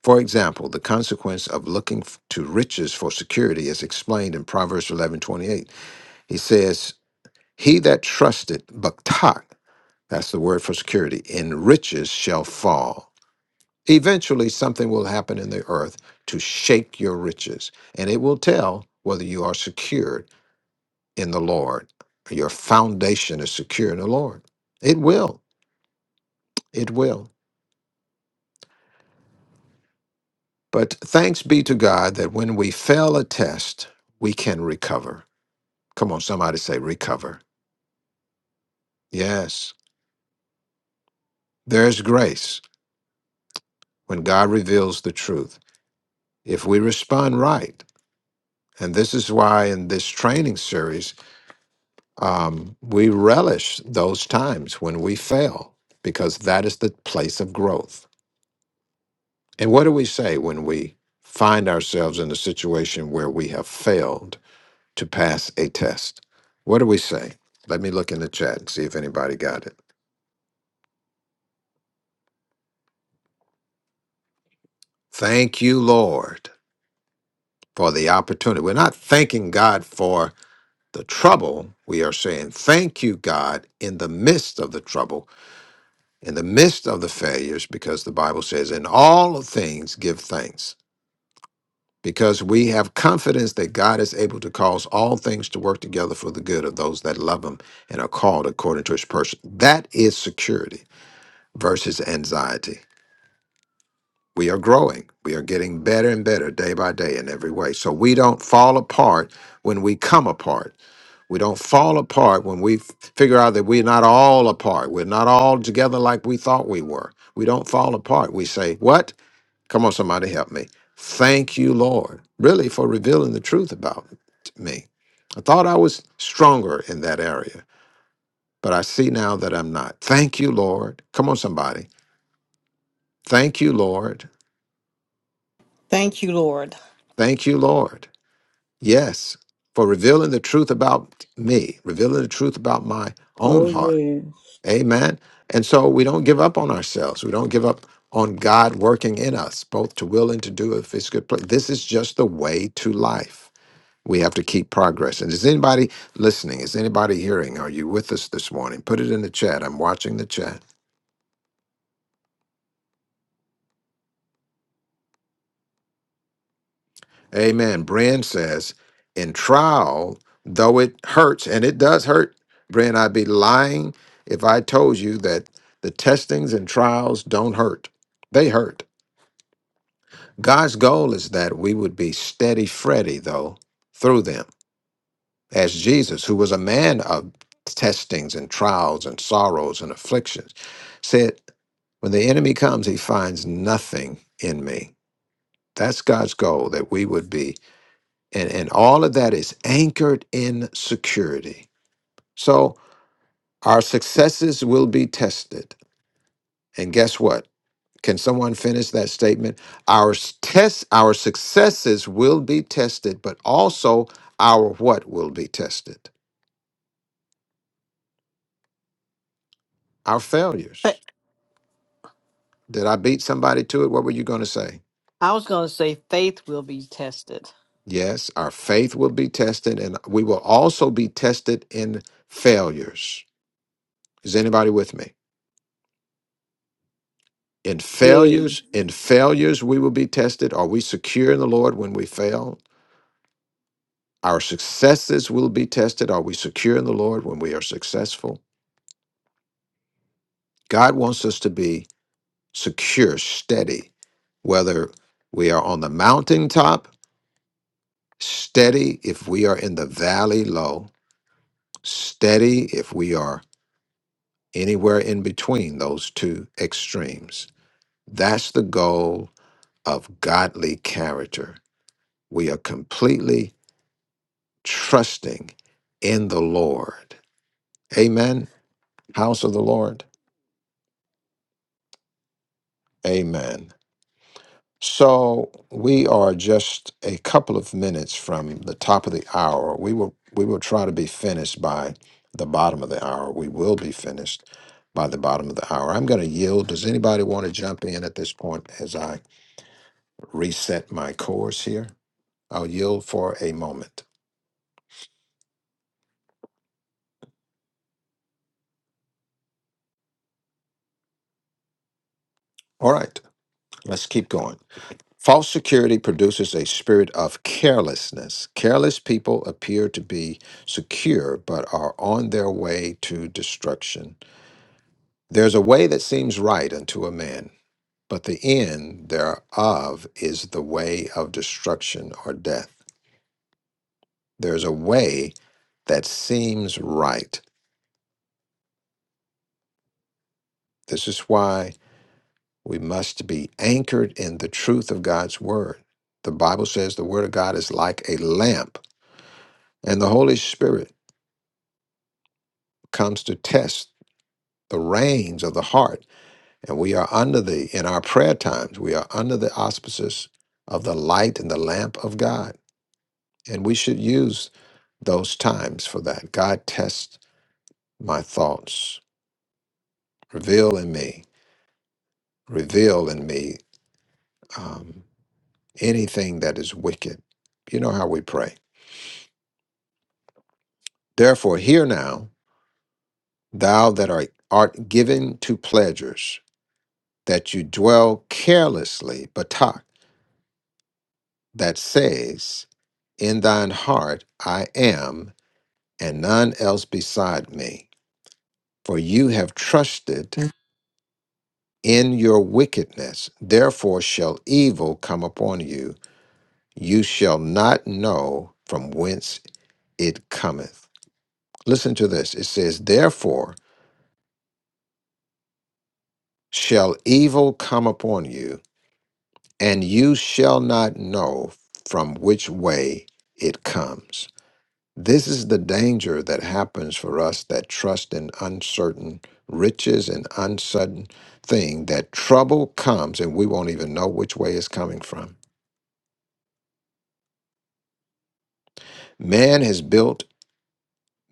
For example, the consequence of looking f- to riches for security is explained in Proverbs eleven twenty eight. He says, He that trusted baktak, that's the word for security, in riches shall fall. Eventually, something will happen in the earth to shake your riches, and it will tell whether you are secured in the Lord. Your foundation is secure in the Lord. It will. It will. But thanks be to God that when we fail a test, we can recover. Come on, somebody say recover. Yes, there's grace when God reveals the truth. If we respond right, and this is why in this training series, um, we relish those times when we fail, because that is the place of growth. And what do we say when we find ourselves in a situation where we have failed? to pass a test. What do we say? Let me look in the chat and see if anybody got it. Thank you, Lord, for the opportunity. We're not thanking God for the trouble. We are saying, Thank you, God, in the midst of the trouble, in the midst of the failures, because the Bible says, In all things give thanks. Because we have confidence that God is able to cause all things to work together for the good of those that love Him and are called according to His purpose. That is security versus anxiety. We are growing. We are getting better and better day by day in every way. So we don't fall apart when we come apart. We don't fall apart when we f- figure out that we're not all apart. We're not all together like we thought we were. We don't fall apart. We say, What? Come on, somebody help me. Thank you, Lord, really for revealing the truth about me. I thought I was stronger in that area, but I see now that I'm not. Thank you, Lord. Come on, somebody. Thank you, Lord.
Thank you, Lord.
Thank you, Lord. Yes, for revealing the truth about me, revealing the truth about my own
Oh
heart.
yes.
Amen. And so we don't give up on ourselves. We don't give up on God working in us, both to will and to do if it's good. Play. This is just the way to life. We have to keep progress. And is anybody listening? Is anybody hearing? Are you with us this morning? Put it in the chat. I'm watching the chat. Amen. Brand says, in trial, though it hurts, and it does hurt, Brand, I'd be lying if I told you that the testings and trials don't hurt. They hurt. God's goal is that we would be steady Freddy, though, through them, as Jesus, who was a man of testings and trials and sorrows and afflictions, said, When the enemy comes, he finds nothing in me. That's God's goal, that we would be And, and all of that is anchored in security. So our successes will be tested. And guess what? Can someone finish that statement? Our s- test, our successes will be tested, but also our what will be tested? Our
But
failures. Did I beat somebody to it? What were you going to say?
I was going to say faith will be tested.
Yes, our faith will be tested, and we will also be tested in failures. Is anybody with me? In
Yes.
failures, in failures, we will be tested. Are we secure in the Lord when we fail? Our successes will be tested. Are we secure in the Lord when we are successful? God wants us to be secure, steady, whether we are on the mountaintop, steady if we are in the valley low, steady if we are anywhere in between those two extremes. That's the goal of godly character. We are completely trusting in the Lord. Amen. House of the Lord. Amen. So we are just a couple of minutes from the top of the hour. We will we will try to be finished by the bottom of the hour. We will be finished by the bottom of the hour. I'm going to yield. Does anybody want to jump in at this point as I reset my course here? I'll yield for a moment. All right, let's keep going. False security produces a spirit of carelessness. Careless people appear to be secure but are on their way to destruction. There's a way that seems right unto a man, but the end thereof is the way of destruction or death. There's a way that seems right. This is why we must be anchored in the truth of God's word. The Bible says the word of God is like a lamp and the Holy Spirit. comes to test the reins of the heart. And we are under the, in our prayer times, we are under the auspices of the light and the lamp of God. And we should use those times for that. God, test my thoughts, reveal in me, reveal in me um, anything that is wicked. You know how we pray. Therefore, hear now, thou that art, art given to pleasures, that you dwell carelessly, Batak that says, In thine heart I am, and none else beside me. For you have trusted in your wickedness. Therefore shall evil come upon you. You shall not know from whence it cometh. Listen to this. It says, Therefore shall evil come upon you, and you shall not know from which way it comes. This is the danger that happens for us that trust in uncertain riches and uncertain thing that trouble comes and we won't even know which way it's coming from. Man has built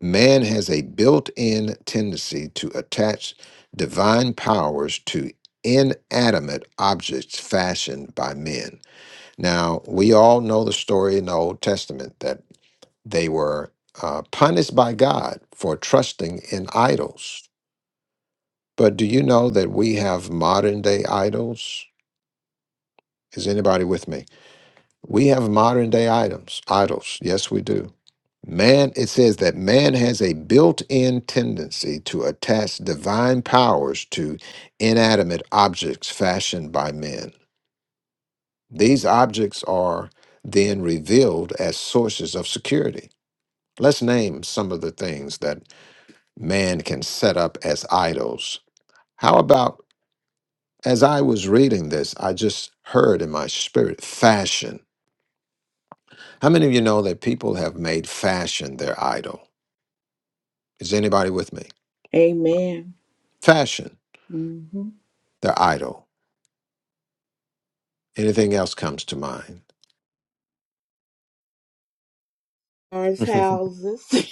man has a built-in tendency to attach divine powers to inanimate objects fashioned by men. Now, we all know the story in the Old Testament that they were uh, punished by God for trusting in idols But do you know that we have modern day idols? Is anybody with me? We have modern day items, idols. Yes, we do. Man, it says that man has a built in tendency to attach divine powers to inanimate objects fashioned by men. These objects are then revealed as sources of security. Let's name some of the things that man can set up as idols. How about As I was reading this, I just heard in my spirit fashion. How many of you know that people have made fashion their idol? Is anybody with me?
Amen.
Fashion,
Mm-hmm.
their idol. Anything else comes to mind?
Ours houses.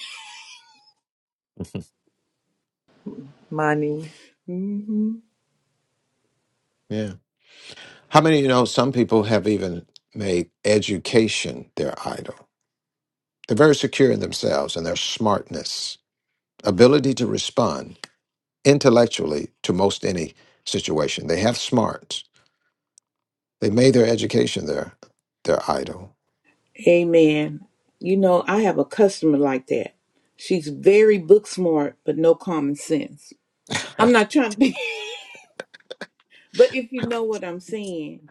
money
hmm
yeah. How many of you know some people have even made education their idol? They're very secure in themselves and their smartness, ability to respond intellectually to most any situation. They have smarts. They made their education their their idol.
Amen. You know, I have a customer like that. She's very book smart, but no common sense. I'm not trying to be. But if you know what I'm saying,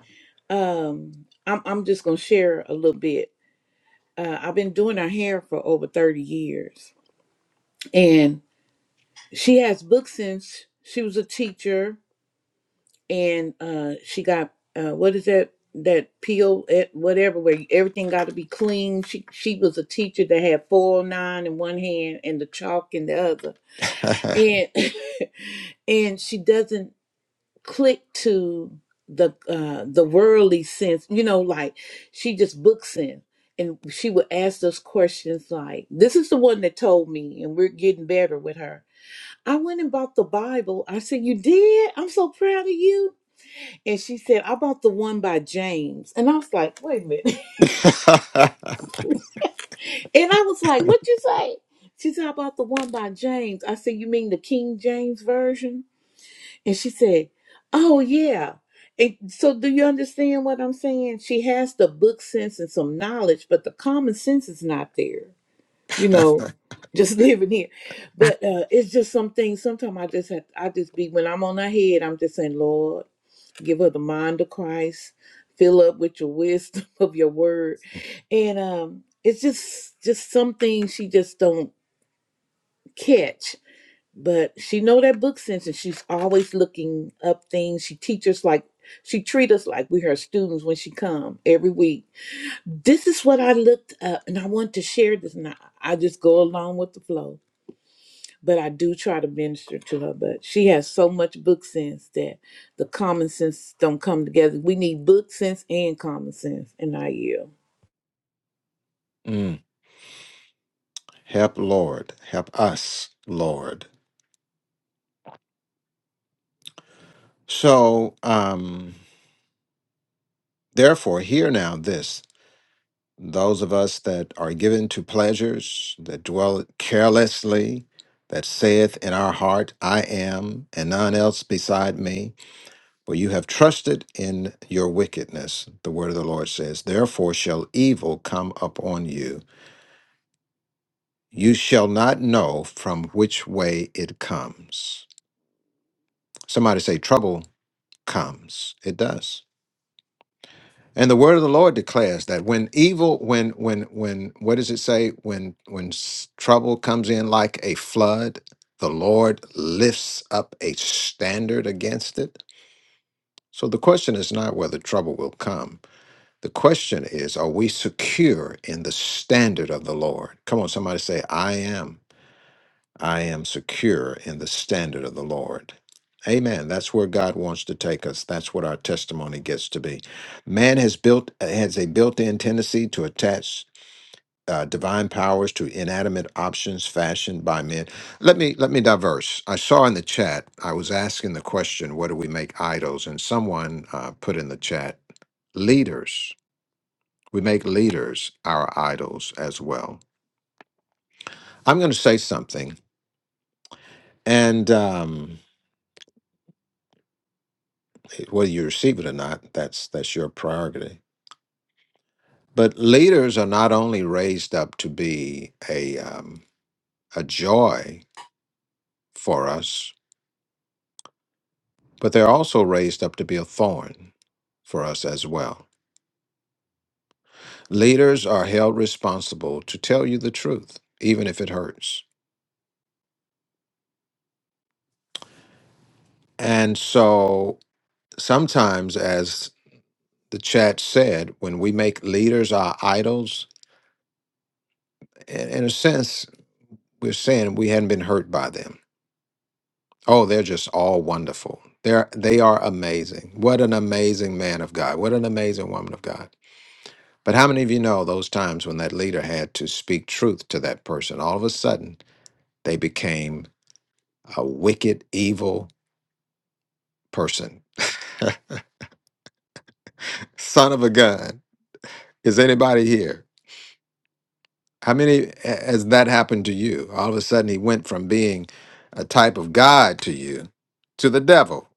um, I'm I'm just gonna share a little bit. Uh, I've been doing her hair for over 30 years, and she has books since she was a teacher, and uh, she got uh, what is that that peel at whatever where everything got to be clean. She she was a teacher that had four oh nine in one hand and the chalk in the other, and and she doesn't. click to the uh the worldly sense you know like she just books in and she would ask us questions like this is the one that told me and we're getting better with her i went and bought the bible i said you did i'm so proud of you and she said i bought the one by james and i was like wait a minute and i was like what you say she said i bought the one by james i said you mean the king james version And she said, Oh, yeah. And so, do you understand what I'm saying? She has the book sense and some knowledge, but the common sense is not there, you know, just living here. But uh, it's just some things. Sometimes I just have, I just be, when I'm on her head, I'm just saying, Lord, give her the mind of Christ, fill up with your wisdom of your word. And um, it's just, just some things she just don't catch but she know that book sense and she's always looking up things she teaches like she treat us like we her students when she come every week this is what i looked up and i want to share this and i, I just go along with the flow but i do try to minister to her but she has so much book sense that the common sense don't come together we need book sense and common sense and i yield
Mm. Help, Lord. Help us, Lord. So, um, therefore, hear now this those of us that are given to pleasures, that dwell carelessly, that saith in our heart, I am, and none else beside me, for you have trusted in your wickedness, the word of the Lord says. Therefore shall evil come upon you. You shall not know from which way it comes. Somebody say, trouble comes. It does. And the word of the Lord declares that when evil, when, when, when, what does it say? When, when s- trouble comes in like a flood, the Lord lifts up a standard against it. So the question is not whether trouble will come. The question is, are we secure in the standard of the Lord? Come on, somebody say, I am. I am secure in the standard of the Lord. Amen. That's where God wants to take us. That's what our testimony gets to be. Man has built uh, has a built-in tendency to attach uh, divine powers to inanimate options fashioned by men. Let me let me diverse. I saw in the chat. I was asking the question, "What do we make idols?" And someone uh, put in the chat, "Leaders. We make leaders our idols as well." I'm going to say something, and. Um, whether you receive it or not that's that's your prerogative but leaders are not only raised up to be a um, a joy for us but they're also raised up to be a thorn for us as well leaders are held responsible to tell you the truth even if it hurts and so sometimes as the chat said when we make leaders our idols in in a sense we're saying we hadn't been hurt by them Oh, they're just all wonderful. They're they are amazing. What an amazing man of God. What an amazing woman of God. But how many of you know those times when that leader had to speak truth to that person? All of a sudden, they became a wicked, evil person. Son of a gun. Is anybody here? How many a- has that happened to you? All of a sudden, he went from being a type of God to you to the devil.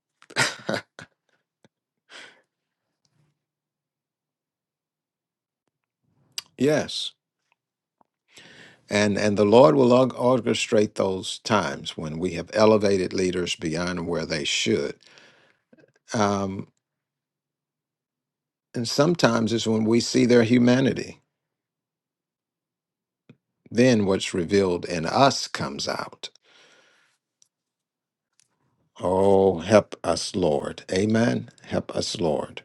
yes. And and the Lord will org- orchestrate those times when we have elevated leaders beyond where they should. Um, and sometimes it's when we see their humanity. Then what's revealed in us comes out. Oh, help us, Lord. Amen. Help us, Lord.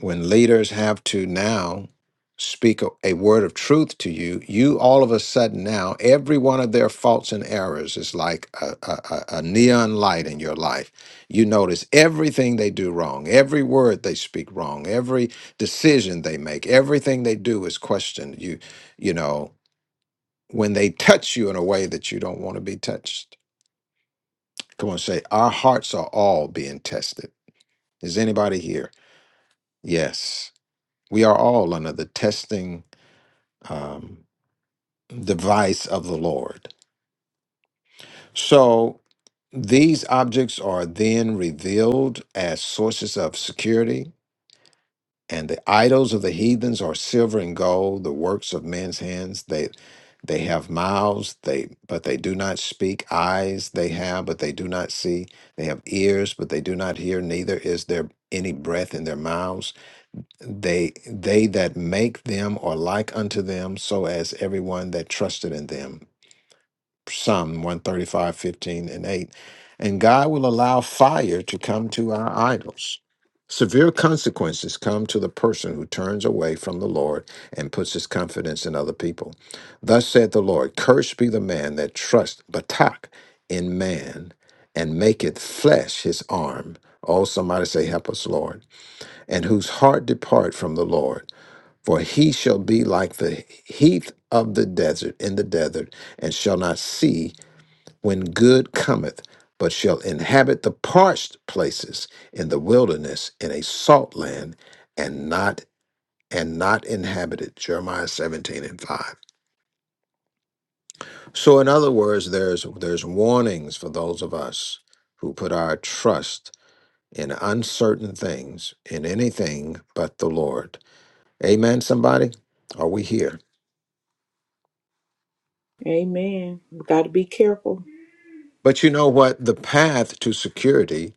when leaders have to now speak a, a word of truth to you, you all of a sudden now, every one of their faults and errors is like a, a, a a neon light in your life. You notice everything they do wrong, every word they speak wrong, every decision they make, everything they do is questioned. You, you know, when they touch you in a way that you don't want to be touched. Come on, say, our hearts are all being tested. Is anybody here? Yes. We are all under the testing um, device of the Lord. So these objects are then revealed as sources of security, and the idols of the heathens are silver and gold, the works of men's hands. They they have mouths, they but they do not speak, eyes they have, but they do not see, they have ears, but they do not hear, neither is there any breath in their mouths. They they that make them are like unto them, so as everyone that trusted in them. Psalm one thirty five fifteen and 8. And God will allow fire to come to our idols. Severe consequences come to the person who turns away from the Lord and puts his confidence in other people. Thus said the Lord Cursed be the man that trusts Batak in man and maketh flesh his arm. Oh, somebody say, Help us, Lord. And whose heart depart from the Lord. For he shall be like the heath of the desert in the desert, and shall not see when good cometh, but shall inhabit the parched places in the wilderness in a salt land and not and not inhabited. Jeremiah 17 and 5. So in other words, there's there's warnings for those of us who put our trust in uncertain things, in anything but the Lord. Amen, somebody? Are we here?
amen we got to be careful
But you know what? The path to security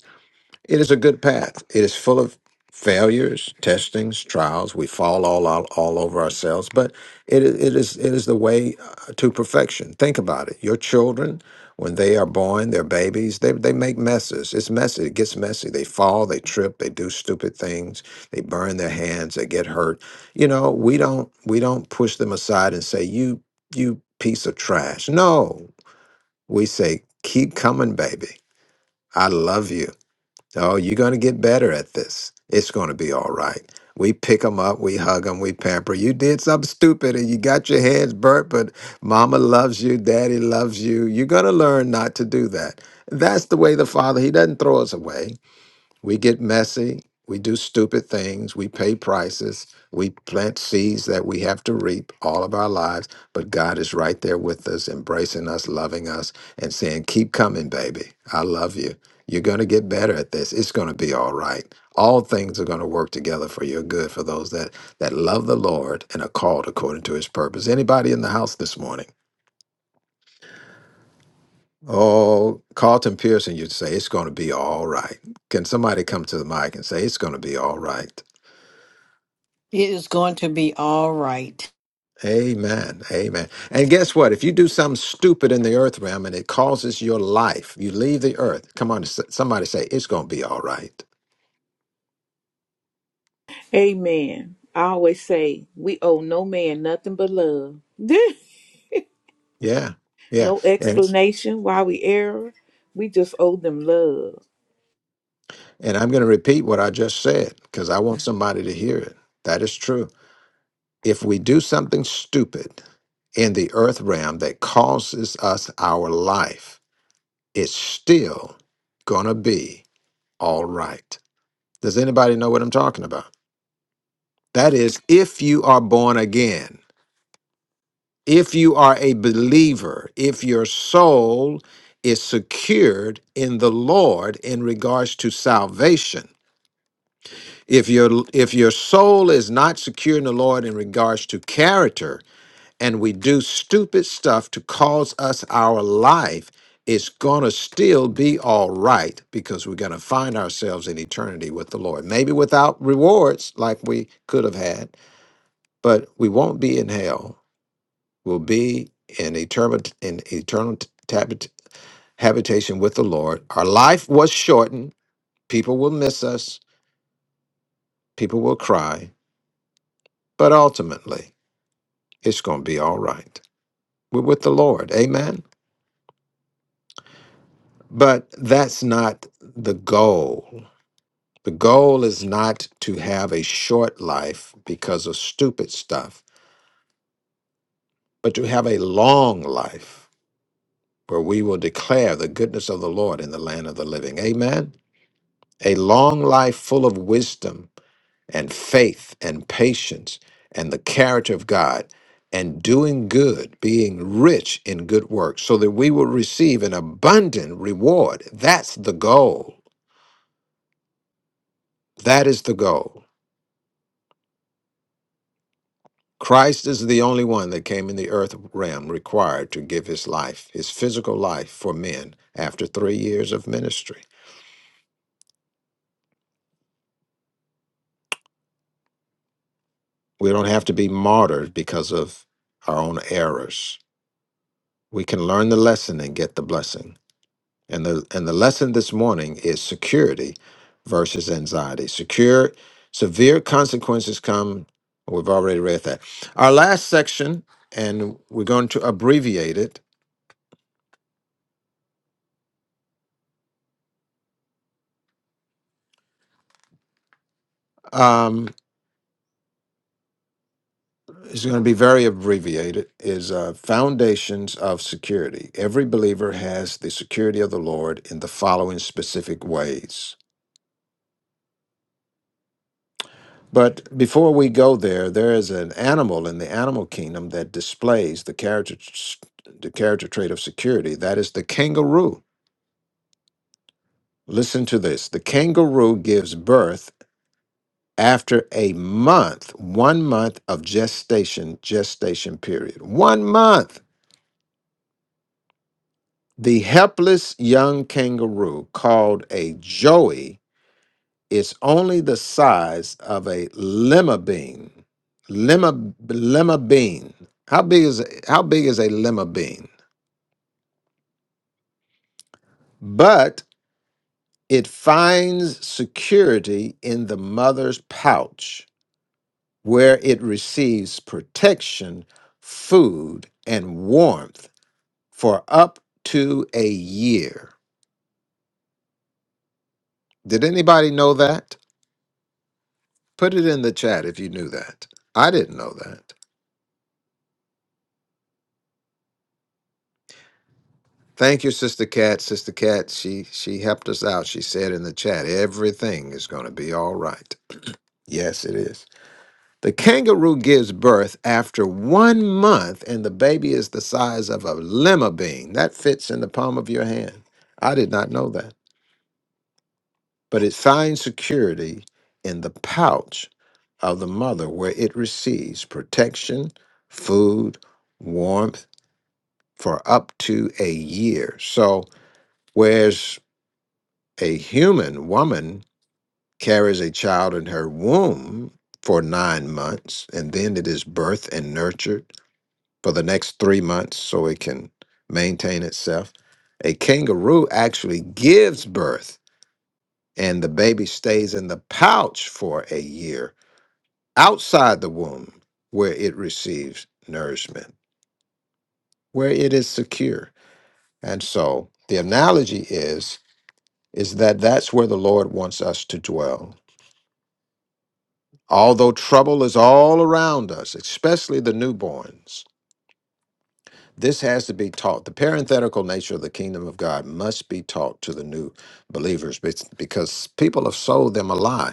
It is a good path. It is full of failures, testings, trials. We fall all out, all over ourselves, but it, i- it is it is the way uh, to perfection. Think about it. Your children, when they are born, they're babies. They they make messes. It's messy. It gets messy. They fall. They trip. They do stupid things. They burn their hands. They get hurt. You know, we don't we don't push them aside and say you you piece of trash. No, we say keep coming, baby. I love you. Oh, you're going to get better at this. It's going to be all right. We pick them up, we hug them, we pamper. You did something stupid and you got your hands burnt, but mama loves you, daddy loves you. You're going to learn not to do that. That's the way the father, he doesn't throw us away. We get messy. We do stupid things. We pay prices. We plant seeds that we have to reap all of our lives. But God is right there with us, embracing us, loving us, and saying, Keep coming, baby. I love you. You're going to get better at this. It's going to be all right. All things are going to work together for your good for those that, that love the Lord and are called according to his purpose. Anybody in the house this morning? Oh, Carlton Pearson, you'd say, It's going to be all right. Can somebody come to the mic and say, It's going to be all right?
It is going to be all right.
Amen. Amen. And guess what? If you do something stupid in the earth realm and it causes your life, you leave the earth. Come on, s- somebody say, it's going to be all right.
amen i always say we owe no man nothing but love
Yeah. Yeah.
No
And,
explanation why we err. We just owe them love.
and I'm going to repeat what I just said because I want somebody to hear it. That is true. If we do something stupid in the earth realm that causes us our life, it's still going to be all right. Does anybody know what I'm talking about? That is, if you are born again. If you are a believer, if your soul is secured in the Lord in regards to salvation, if your if your soul is not secure in the Lord in regards to character, and we do stupid stuff to cause us our life, it's gonna still be all right because we're gonna find ourselves in eternity with the Lord. Maybe without rewards like we could have had, but we won't be in hell will be in eternal in eternal tabit- habitation with the Lord. Our life was shortened. People will miss us. People will cry, but ultimately, it's going to be all right. We're with the Lord. Amen. But that's not the goal. The goal is not to have a short life because of stupid stuff, but to have a long life where we will declare the goodness of the Lord in the land of the living. Amen. A long life full of wisdom and faith and patience and the character of God and doing good, being rich in good works, so that we will receive an abundant reward. That's the goal. That is the goal. Christ is the only one that came in the earth realm required to give his life, his physical life for men after three years of ministry. We don't have to be martyred because of our own errors. We can learn the lesson and get the blessing. And the and the lesson this morning is security versus anxiety. Secure severe consequences come. We've already read that. Our last section, and we're going to abbreviate it. Um, it's going to be very abbreviated. Is uh, foundations of security. Every believer has the security of the Lord in the following specific ways. But before we go there, there is an animal in the animal kingdom that displays the character the character trait of security. That is the kangaroo. Listen to this. The kangaroo gives birth after a month, one month of gestation, gestation period. One month. The helpless young kangaroo, called a joey, It's only the size of a lima bean. Lima lima bean. How big is how big is a lima bean? But it finds security in the mother's pouch, where it receives protection, food, and warmth for up to a year. Did anybody know that? Put it in the chat if you knew that. I didn't know that. Thank you, Sister Cat. Sister Cat, she she helped us out. She said in the chat, everything is going to be all right. Yes, it is. The kangaroo gives birth after one month, and the baby is the size of a lima bean. That fits in the palm of your hand. I did not know that, but it finds security in the pouch of the mother, where it receives protection, food, warmth for up to a year. So, whereas A human woman carries a child in her womb for nine months, and then it is birthed and nurtured for the next three months so it can maintain itself. A kangaroo actually gives birth, and the baby stays in the pouch for a year outside the womb where it receives nourishment, where it is secure. And so the analogy is is that that's where the Lord wants us to dwell Although trouble is all around us, especially the newborns, this has to be taught. The parenthetical nature of the kingdom of God must be taught to the new believers be- because people have sold them a lie.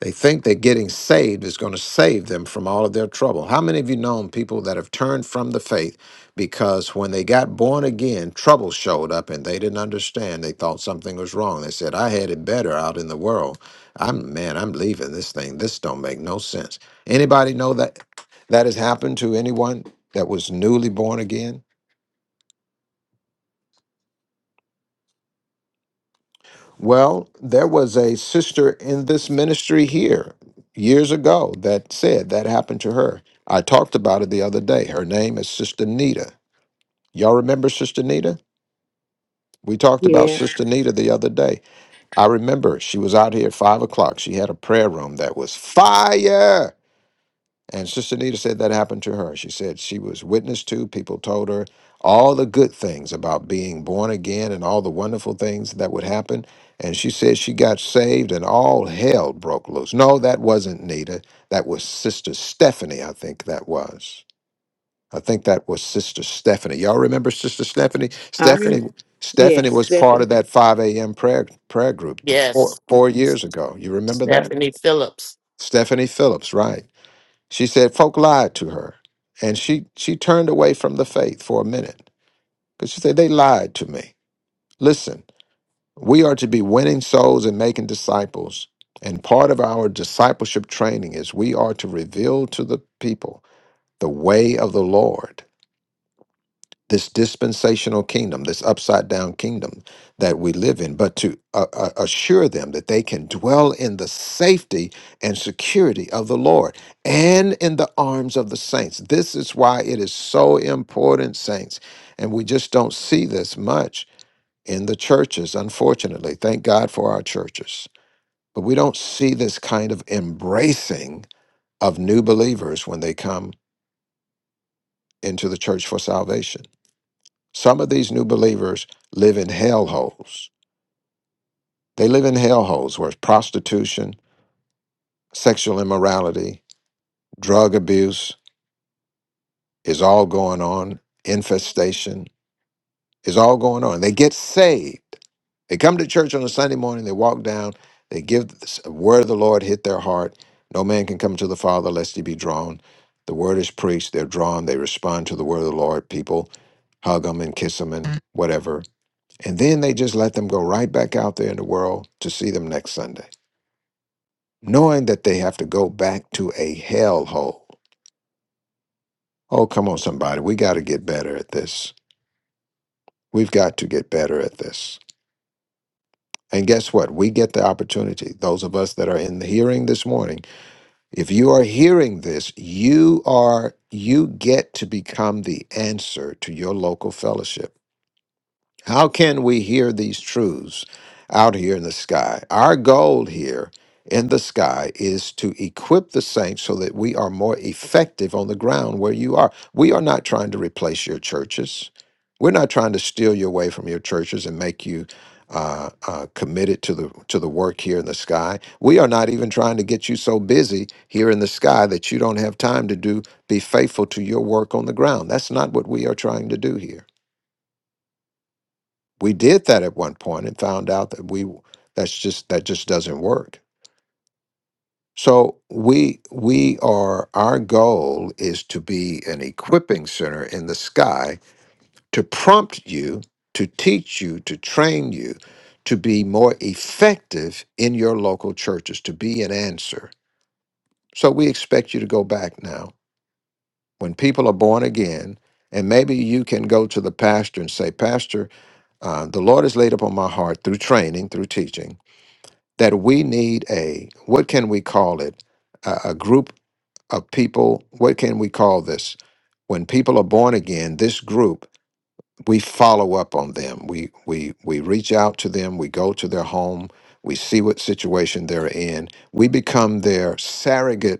They think that getting saved is going to save them from all of their trouble. How many of you known people that have turned from the faith because when they got born again, trouble showed up and they didn't understand. They thought something was wrong. They said, "I had it better out in the world. I'm man, I'm leaving this thing. This don't make no sense." Anybody know that that has happened to anyone that was newly born again? Well, there was a sister in this ministry here years ago that said that happened to her. I talked about it the other day. Her name is Sister Nita. Y'all remember Sister Nita? We talked about
Yeah,
Sister Nita the other day. I remember she was out here at five o'clock. She had a prayer room that was fire. And Sister Nita said that happened to her. She said she was witness to, people told her all the good things about being born again and all the wonderful things that would happen. And she said she got saved and all hell broke loose. No, that wasn't Nita. That was Sister Stephanie, I think that was. I think that was Sister Stephanie. Y'all remember Sister Stephanie?
I rem.
Stephanie Stephanie
Yes,
was part
Stephanie,
of that 5 a.m. prayer prayer group th- four,
Yes,
four years ago. You remember that?
Stephanie Phillips.
Stephanie Phillips, right. She said folk lied to her, and she she turned away from the faith for a minute because she said they lied to me. Listen, we are to be winning souls and making disciples, and part of our discipleship training is we are to reveal to the people the way of the Lord this dispensational kingdom, this upside down kingdom that we live in, but to uh, uh, assure them that they can dwell in the safety and security of the Lord and in the arms of the saints. This is why it is so important, saints. And we just don't see this much in the churches, unfortunately. Thank God for our churches. But we don't see this kind of embracing of new believers when they come into the church for salvation Some of these new believers live in hellholes. They live in hellholes where prostitution, sexual immorality, drug abuse is all going on, infestation is all going on. They get saved. They come to church on a Sunday morning, they walk down, they give the word of the Lord hit their heart. No man can come to the Father lest he be drawn. The word is preached, they're drawn, they respond to the word of the Lord. People hug them and kiss them and whatever And then they just let them go right back out there in the world to see them next Sunday, knowing that they have to go back to a hellhole. Oh, come on, somebody. We got to get better at this. We've got to get better at this. And guess what? We get the opportunity. Those of us that are in the hearing this morning, if you are hearing this, you are you get to become the answer to your local fellowship. How can we hear these truths out here in the sky? Our goal here in the sky is to equip the saints so that we are more effective on the ground where you are. We are not trying to replace your churches. We're not trying to steal you away from your churches and make you uh, uh, committed to the to the work here in the sky. We are not even trying to get you so busy here in the sky that you don't have time to do be faithful to your work on the ground. That's not what we are trying to do here we did that at one point and found out that we that's just that just doesn't work so we we are our goal is to be an equipping center in the sky to prompt you to teach you to train you to be more effective in your local churches to be an answer so we expect you to go back now when people are born again and maybe you can go to the pastor and say pastor uh, the lord has laid upon my heart through training through teaching that we need a what can we call it a, a group of people what can we call this when people are born again this group we follow up on them we we we reach out to them we go to their home we see what situation they're in we become their surrogate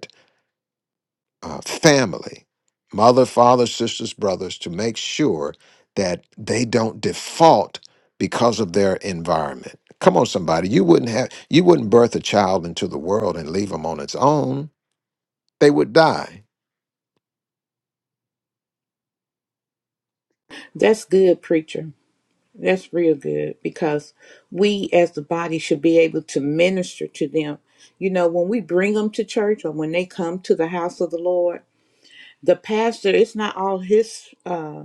uh, family, mother, father, sisters, brothers, to make sure that they don't default because of their environment. Come on, somebody, you wouldn't have you wouldn't birth a child into the world and leave them on its own. They would die.
that's good, preacher. That's real good because we as the body should be able to minister to them. You know, when we bring them to church or when they come to the house of the Lord, the pastor, it's not all his, uh,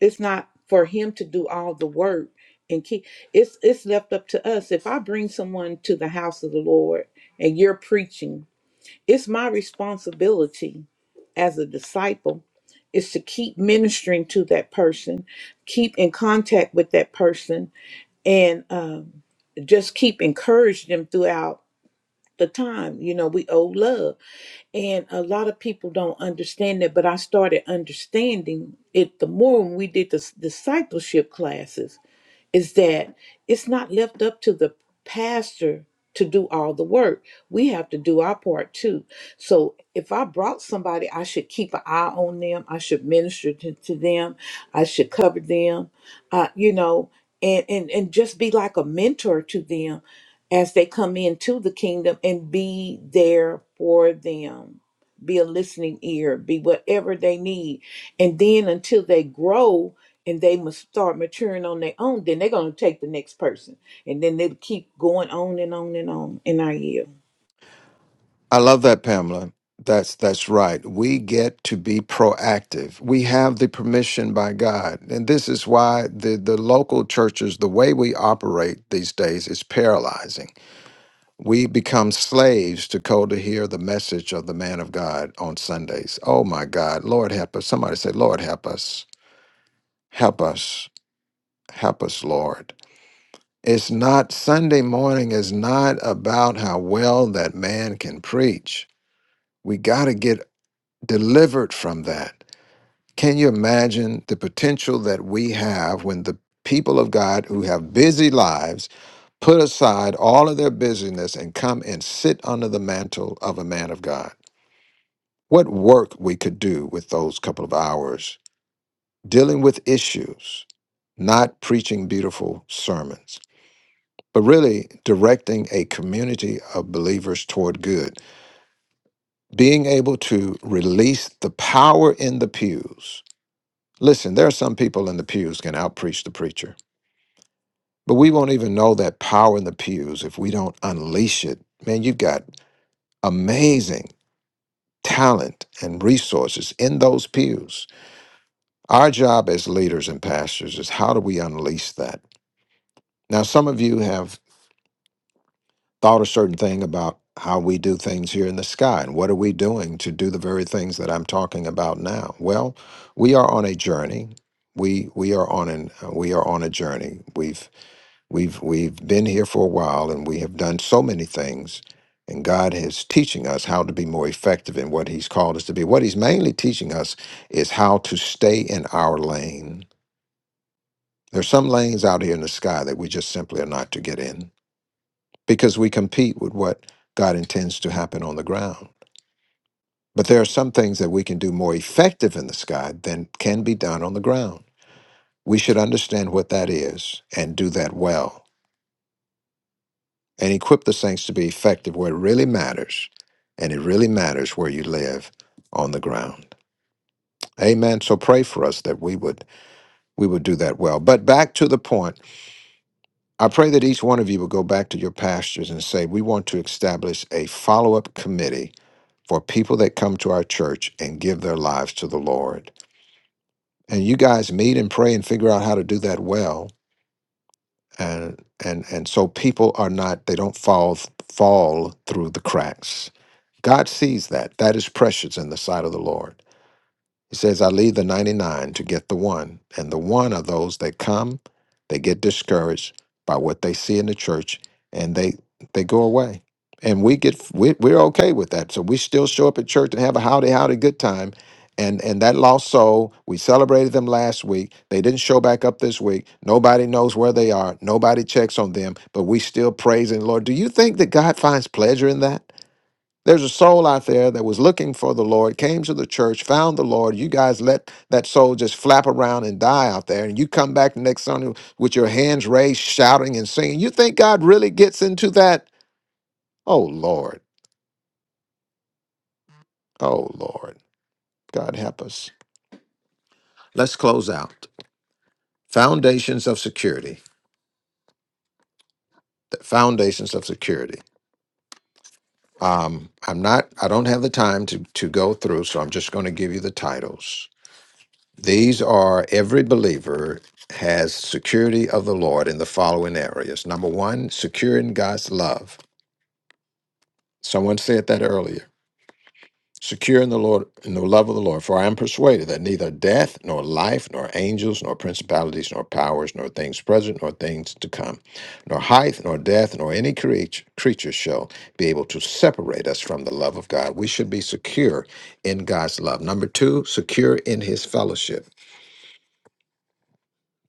it's not for him to do all the work and keep, it's, it's left up to us. If I bring someone to the house of the Lord and you're preaching, It's my responsibility as a disciple is to keep ministering to that person, keep in contact with that person, and um, just keep encouraging them throughout the time. You know, we owe love, and a lot of people don't understand that. But I started understanding it the more when we did the s- discipleship classes is that it's not left up to the pastor to do all the work. We have to do our part too. So if I brought somebody, I should keep an eye on them. I should minister to, to them. I should cover them, uh, you know, and, and, and just be like a mentor to them as they come into the kingdom and be there for them be a listening ear, be whatever they need. And then until they grow and they must start maturing on their own, then they're going to take the next person. And then they'll keep going on and on and on And I year.
I love that, Pamela. That's that's right. We get to be proactive. We have the permission by God. And this is why the, the local churches, the way we operate these days is paralyzing We become slaves to go to hear the message of the man of God on Sundays. Oh my God, Lord help us. Somebody say, Lord help us. Help us. Help us, Lord. It's not Sunday morning is not about how well that man can preach. We got to get delivered from that. Can you imagine the potential that we have when the people of God who have busy lives put aside all of their busyness and come and sit under the mantle of a man of God? What work we could do with those couple of hours dealing with issues, not preaching beautiful sermons, but really directing a community of believers toward good, being able to release the power in the pews. Listen, there are some people in the pews can outpreach the preacher, but we won't even know that power in the pews if we don't unleash it. Man, you've got amazing talent and resources in those pews. Our job as leaders and pastors is how do we unleash that? Now, some of you have thought a certain thing about how we do things here in the sky and what are we doing to do the very things that I'm talking about now? Well, we are on a journey. We we are on an uh, we are on a journey. We've we've we've been here for a while and we have done so many things and God is teaching us how to be more effective in what he's called us to be. What he's mainly teaching us is how to stay in our lane There's some lanes out here in the sky that we just simply are not to get in because we compete with what God intends to happen on the ground. But there are some things that we can do more effective in the sky than can be done on the ground. We should understand what that is and do that well and equip the saints to be effective where it really matters. And it really matters where you live on the ground. Amen. So pray for us that we would we would do that well. But back to the point I pray that each one of you will go back to your pastors and say, We want to establish a follow up committee for people that come to our church and give their lives to the Lord. And you guys meet and pray and figure out how to do that well. And, and, and so people are not, they don't fall, fall through the cracks. God sees that. That is precious in the sight of the Lord. He says, I leave the 99 to get the one. And the one are those that come, they get discouraged by what they see in the church and they they go away. And we get we, we're okay with that. So we still show up at church and have a howdy howdy good time. And and that lost soul, we celebrated them last week. They didn't show back up this week. Nobody knows where they are. Nobody checks on them, but we still praise the Lord. Do you think that God finds pleasure in that? There's a soul out there that was looking for the Lord, came to the church, found the Lord. You guys let that soul just flap around and die out there. And you come back the next Sunday with your hands raised, shouting and singing. You think God really gets into that? Oh, Lord. Oh, Lord. God help us. Let's close out. Foundations of security. The foundations of security. Um, I'm not, I don't have the time to, to go through, so I'm just going to give you the titles. These are every believer has security of the Lord in the following areas. Number one, secure in God's love. Someone said that earlier. Secure in the Lord, in the love of the Lord. For I am persuaded that neither death, nor life, nor angels, nor principalities, nor powers, nor things present, nor things to come, nor height, nor death, nor any creature, creature shall be able to separate us from the love of God. We should be secure in God's love. Number two, secure in His fellowship.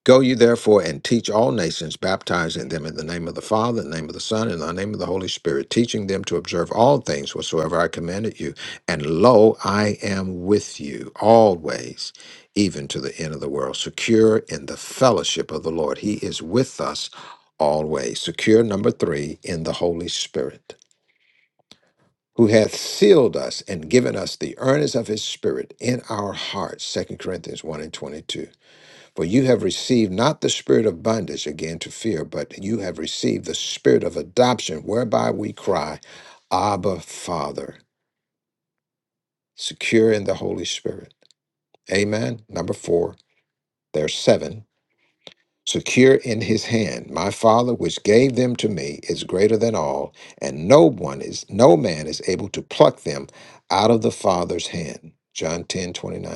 Go you therefore and teach all nations, baptizing them in the name of the Father, and the name of the Son, and the name of the Holy Spirit, teaching them to observe all things whatsoever I commanded you. And lo, I am with you always, even to the end of the world, secure in the fellowship of the Lord. He is with us always. Secure, number three, in the Holy Spirit. Who hath sealed us and given us the earnest of his spirit in our hearts, Second Corinthians 1 and 22. For you have received not the spirit of bondage again to fear, but you have received the spirit of adoption, whereby we cry, Abba, Father, secure in the Holy Spirit. Amen. Number four, there's seven. Secure in his hand. My Father, which gave them to me, is greater than all, and no one is, no man is able to pluck them out of the Father's hand. John 10 29.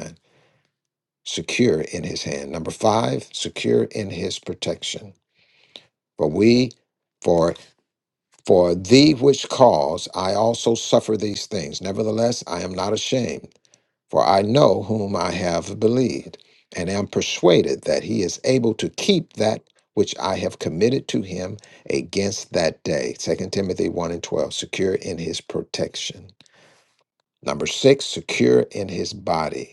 Secure in his hand. Number five, secure in his protection. For we, for for thee which cause I also suffer these things. Nevertheless, I am not ashamed, for I know whom I have believed, and am persuaded that he is able to keep that which I have committed to him against that day. Second Timothy 1 and 12, secure in his protection. Number six, secure in his body.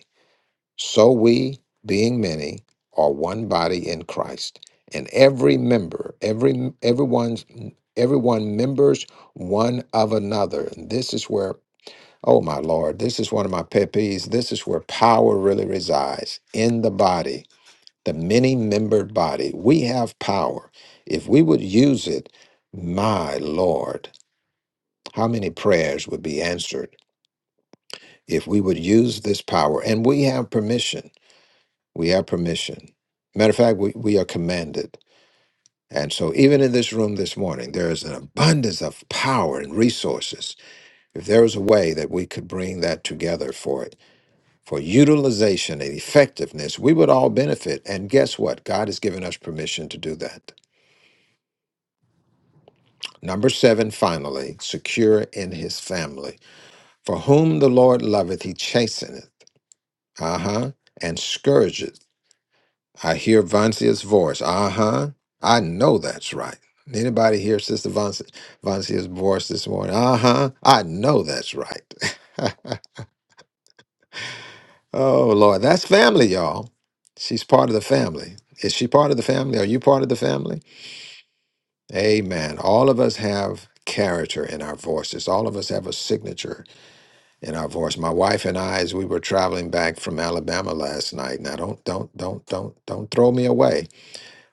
So we, being many, are one body in Christ, and every member, every everyone's everyone members one of another. And this is where, oh my Lord, this is one of my pet peeves. This is where power really resides in the body, the many-membered body. We have power. If we would use it, my Lord, how many prayers would be answered if we would use this power? And we have permission. We have permission. Matter of fact, we, we are commanded. And so, even in this room this morning, there is an abundance of power and resources. If there was a way that we could bring that together for it, for utilization and effectiveness, we would all benefit. And guess what? God has given us permission to do that. Number seven, finally, secure in his family. For whom the Lord loveth, he chasteneth. Uh huh. And scourgeth I hear Vancia's voice. Uh huh. I know that's right. Anybody hear Sister Vancia, Vancia's voice this morning? Uh huh. I know that's right. oh, Lord. That's family, y'all. She's part of the family. Is she part of the family? Are you part of the family? Amen. All of us have character in our voices, all of us have a signature in our voice. My wife and I, as we were traveling back from Alabama last night, now don't, don't, don't, don't, don't throw me away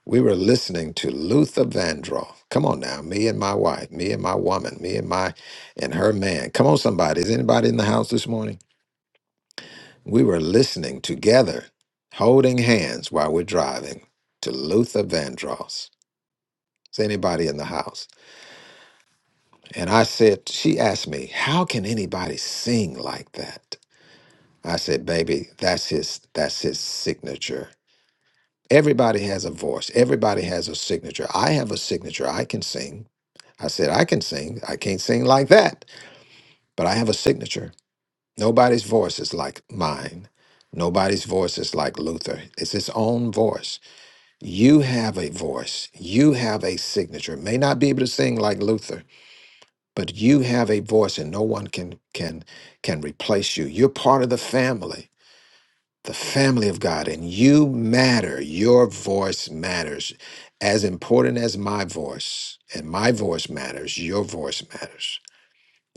We were listening to Luther Vandross. Come on now, me and my wife, me and my woman, me and my and her man. Come on, somebody. Is anybody in the house this morning? We were listening together, holding hands while we're driving to Luther Vandross. Is anybody in the house? And I said, she asked me, how can anybody sing like that? I said, baby, that's his that's his signature. Everybody has a voice. Everybody has a signature. I have a signature. I can sing. I said, I can sing. I can't sing like that, but I have a signature. Nobody's voice is like mine. Nobody's voice is like Luther. It's his own voice. You have a voice. You have a signature. May not be able to sing like Luther, but you have a voice and no one can can can replace you. You're part of the family, the family of God, and you matter. Your voice matters. As important as my voice, and my voice matters, your voice matters.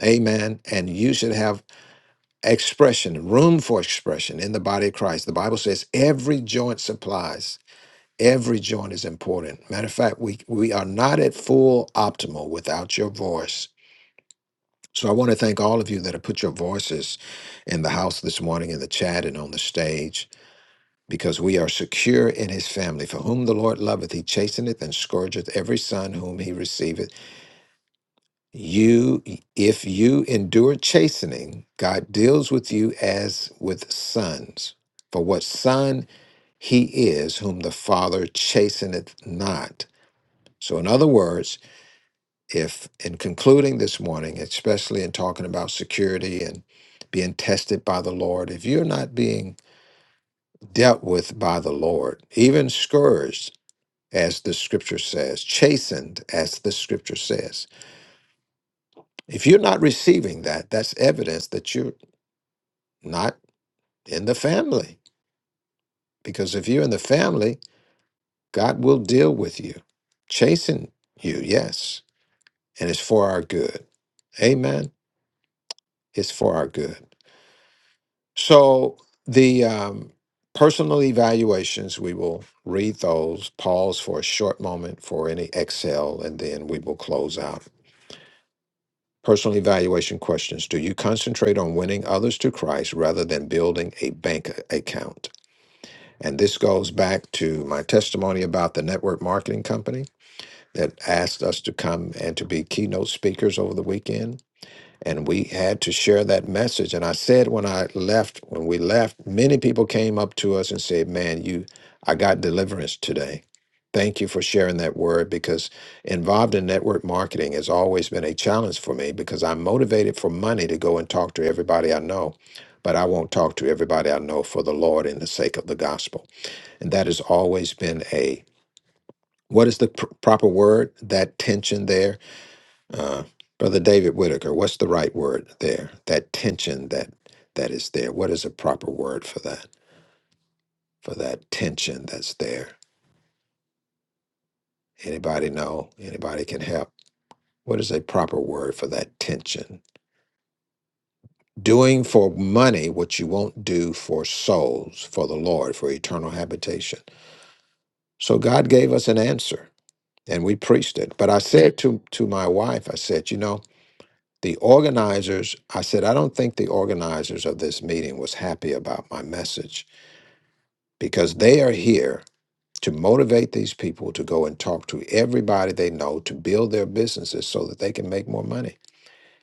Amen. And you should have expression, room for expression in the body of Christ. The Bible says every joint supplies, every joint is important. Matter of fact, we, we are not at full optimal without your voice. So I want to thank all of you that have put your voices in the house this morning, in the chat, and on the stage. Because we are secure in his family. For whom the Lord loveth, he chasteneth and scourgeth every son whom he receiveth. You, if you endure chastening, God deals with you as with sons. For what son he is whom the Father chasteneth not. So, in other words, if in concluding this morning, especially in talking about security and being tested by the Lord, if you're not being dealt with by the Lord, even scourged, as the scripture says, chastened, as the scripture says, if you're not receiving that, that's evidence that you're not in the family. Because if you're in the family, God will deal with you, chasing you, yes. And it's for our good. Amen. It's for our good. So the um, personal evaluations, we will read those, pause for a short moment for any exhale, and then we will close out. Personal evaluation questions Do you concentrate on winning others to Christ rather than building a bank a- account? And this goes back to my testimony about the network marketing company that asked us to come and to be keynote speakers over the weekend. And we had to share that message. And I said when I left, when we left, many people came up to us and said, Man, you I got deliverance today. Thank you for sharing that word because involved in network marketing has always been a challenge for me because I'm motivated for money to go and talk to everybody I know, but I won't talk to everybody I know for the Lord in the sake of the gospel and that has always been a what is the pr- proper word that tension there uh, brother david whitaker what's the right word there that tension that that is there what is a proper word for that for that tension that's there anybody know anybody can help what is a proper word for that tension doing for money what you won't do for souls for the lord for eternal habitation so god gave us an answer and we preached it but i said to to my wife i said you know The organizers, I said, I don't think the organizers of this meeting was happy about my message because they are here to motivate these people to go and talk to everybody they know to build their businesses so that they can make more money.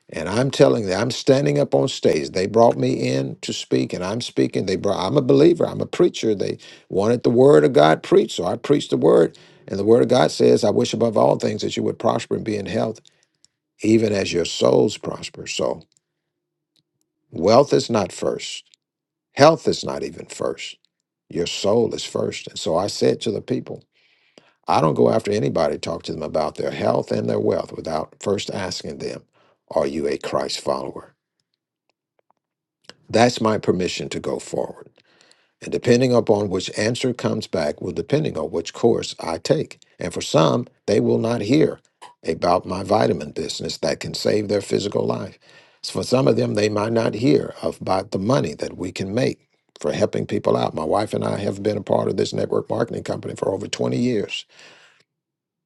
And I'm telling them, I'm standing up on stage. They brought me in to speak, and I'm speaking. They brought. I'm a believer. I'm a preacher. They wanted the word of God preached, so I preached the word. And the word of God says, "I wish above all things that you would prosper and be in health, even as your souls prosper." So Wealth is not first. Health is not even first. Your soul is first. And so I said to the people, I don't go after anybody, talk to them about their health and their wealth without first asking them, Are you a Christ follower? That's my permission to go forward. And depending upon which answer comes back will depending on which course I take. And for some, they will not hear about my vitamin business that can save their physical life. So for some of them, they might not hear of- about the money that we can make for helping people out. My wife and I have been a part of this network marketing company for over 20 years.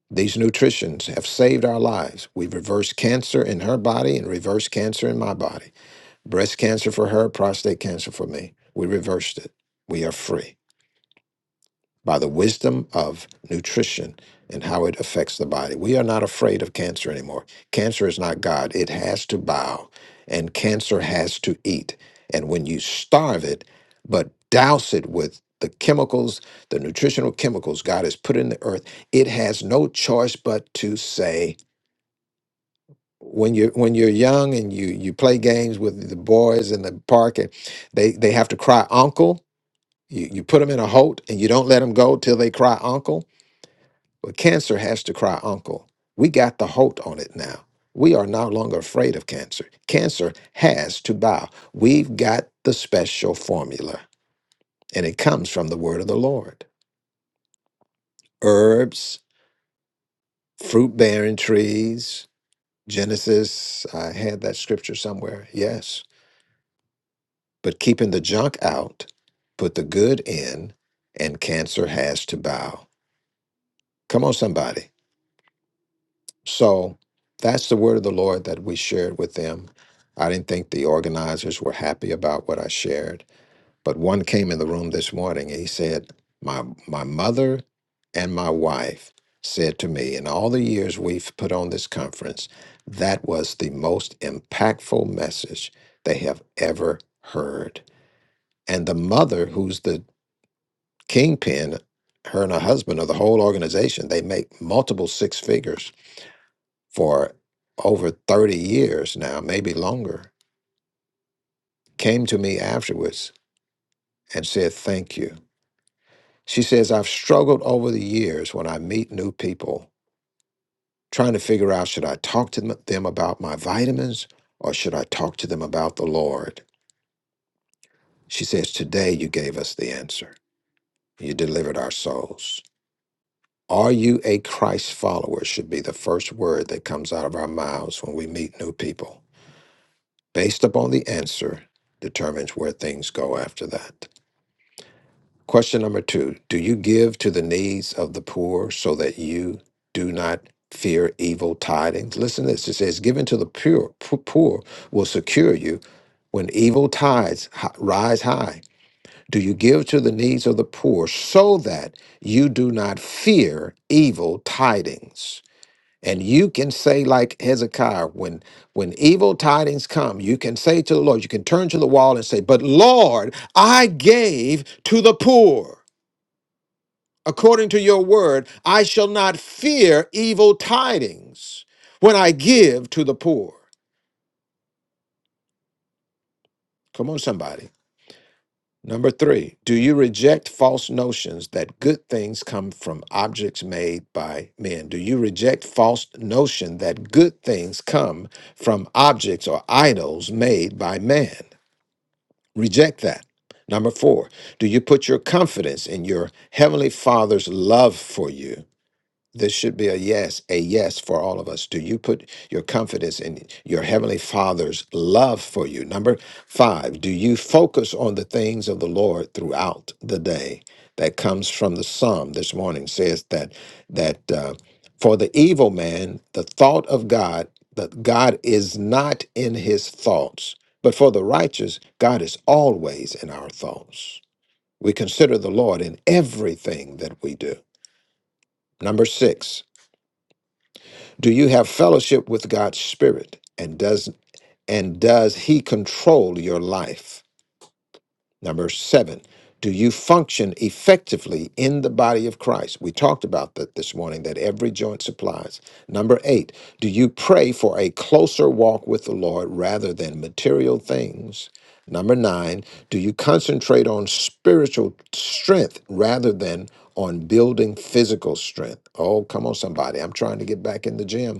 These nutritions have saved our lives. We've reversed cancer in her body and reversed cancer in my body. Breast cancer for her, prostate cancer for me. We reversed it. We are free by the wisdom of nutrition and how it affects the body. We are not afraid of cancer anymore. Cancer is not God, it has to bow, and cancer has to eat. And when you starve it, but douse it with the chemicals, the nutritional chemicals God has put in the earth, it has no choice but to say, when you're when you're young and you you play games with the boys in the park and they they have to cry uncle you, you put them in a holt and you don't let them go till they cry uncle but cancer has to cry uncle. We got the halt on it now. We are no longer afraid of cancer. Cancer has to bow. We've got the special formula, and it comes from the word of the Lord. Herbs, fruit bearing trees, Genesis, I had that scripture somewhere, yes. But keeping the junk out, put the good in, and cancer has to bow. Come on, somebody. So that's the word of the Lord that we shared with them. I didn't think the organizers were happy about what I shared, but one came in the room this morning and he said, "My my mother and my wife said to me, in all the years we've put on this conference, that was the most impactful message they have ever heard." And the mother, who's the kingpin, her and her husband are the whole organization. They make multiple six figures for over 30 years now, maybe longer, came to me afterwards and said, Thank you. She says, I've struggled over the years when I meet new people, trying to figure out should I talk to them them about my vitamins or should I talk to them about the Lord? She says, Today you gave us the answer. You delivered our souls. Are you a Christ follower? should be the first word that comes out of our mouths when we meet new people. Based upon the answer, determines where things go after that. Question number two Do you give to the needs of the poor so that you do not fear evil tidings? Listen to this it says, Giving to the pure, p- poor will secure you when evil tides hi- rise high. Do you give to the needs of the poor so that you do not fear evil tidings? And you can say, like Hezekiah, when, when evil tidings come, you can say to the Lord, you can turn to the wall and say, But Lord, I gave to the poor according to your word, I shall not fear evil tidings when I give to the poor. Come on, somebody. Number three, do you reject false notions that good things come from objects made by men? Do you reject false notion that good things come from objects or idols made by man? Reject that. Number four, do you put your confidence in your heavenly father's love for you? This should be a yes, a yes for all of us. Do you put your confidence in your Heavenly Father's love for you? Number five, do you focus on the things of the Lord throughout the day? That comes from the Psalm this morning, says that, that uh, for the evil man, the thought of God, that God is not in his thoughts, but for the righteous, God is always in our thoughts. We consider the Lord in everything that we do. Number six, do you have fellowship with God's spirit and does and does he control your life? Number 7. Do you function effectively in the body of Christ? We talked about that this morning that every joint supplies. Number 8. Do you pray for a closer walk with the Lord rather than material things? Number 9. Do you concentrate on spiritual strength rather than on building physical strength? Oh, come on somebody. I'm trying to get back in the gym.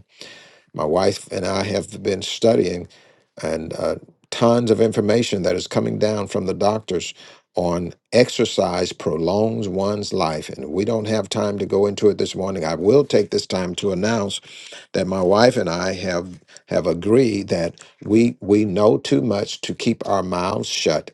My wife and I have been studying and uh, tons of information that is coming down from the doctors on exercise prolongs one's life. And we don't have time to go into it this morning. I will take this time to announce that my wife and I have have agreed that we we know too much to keep our mouths shut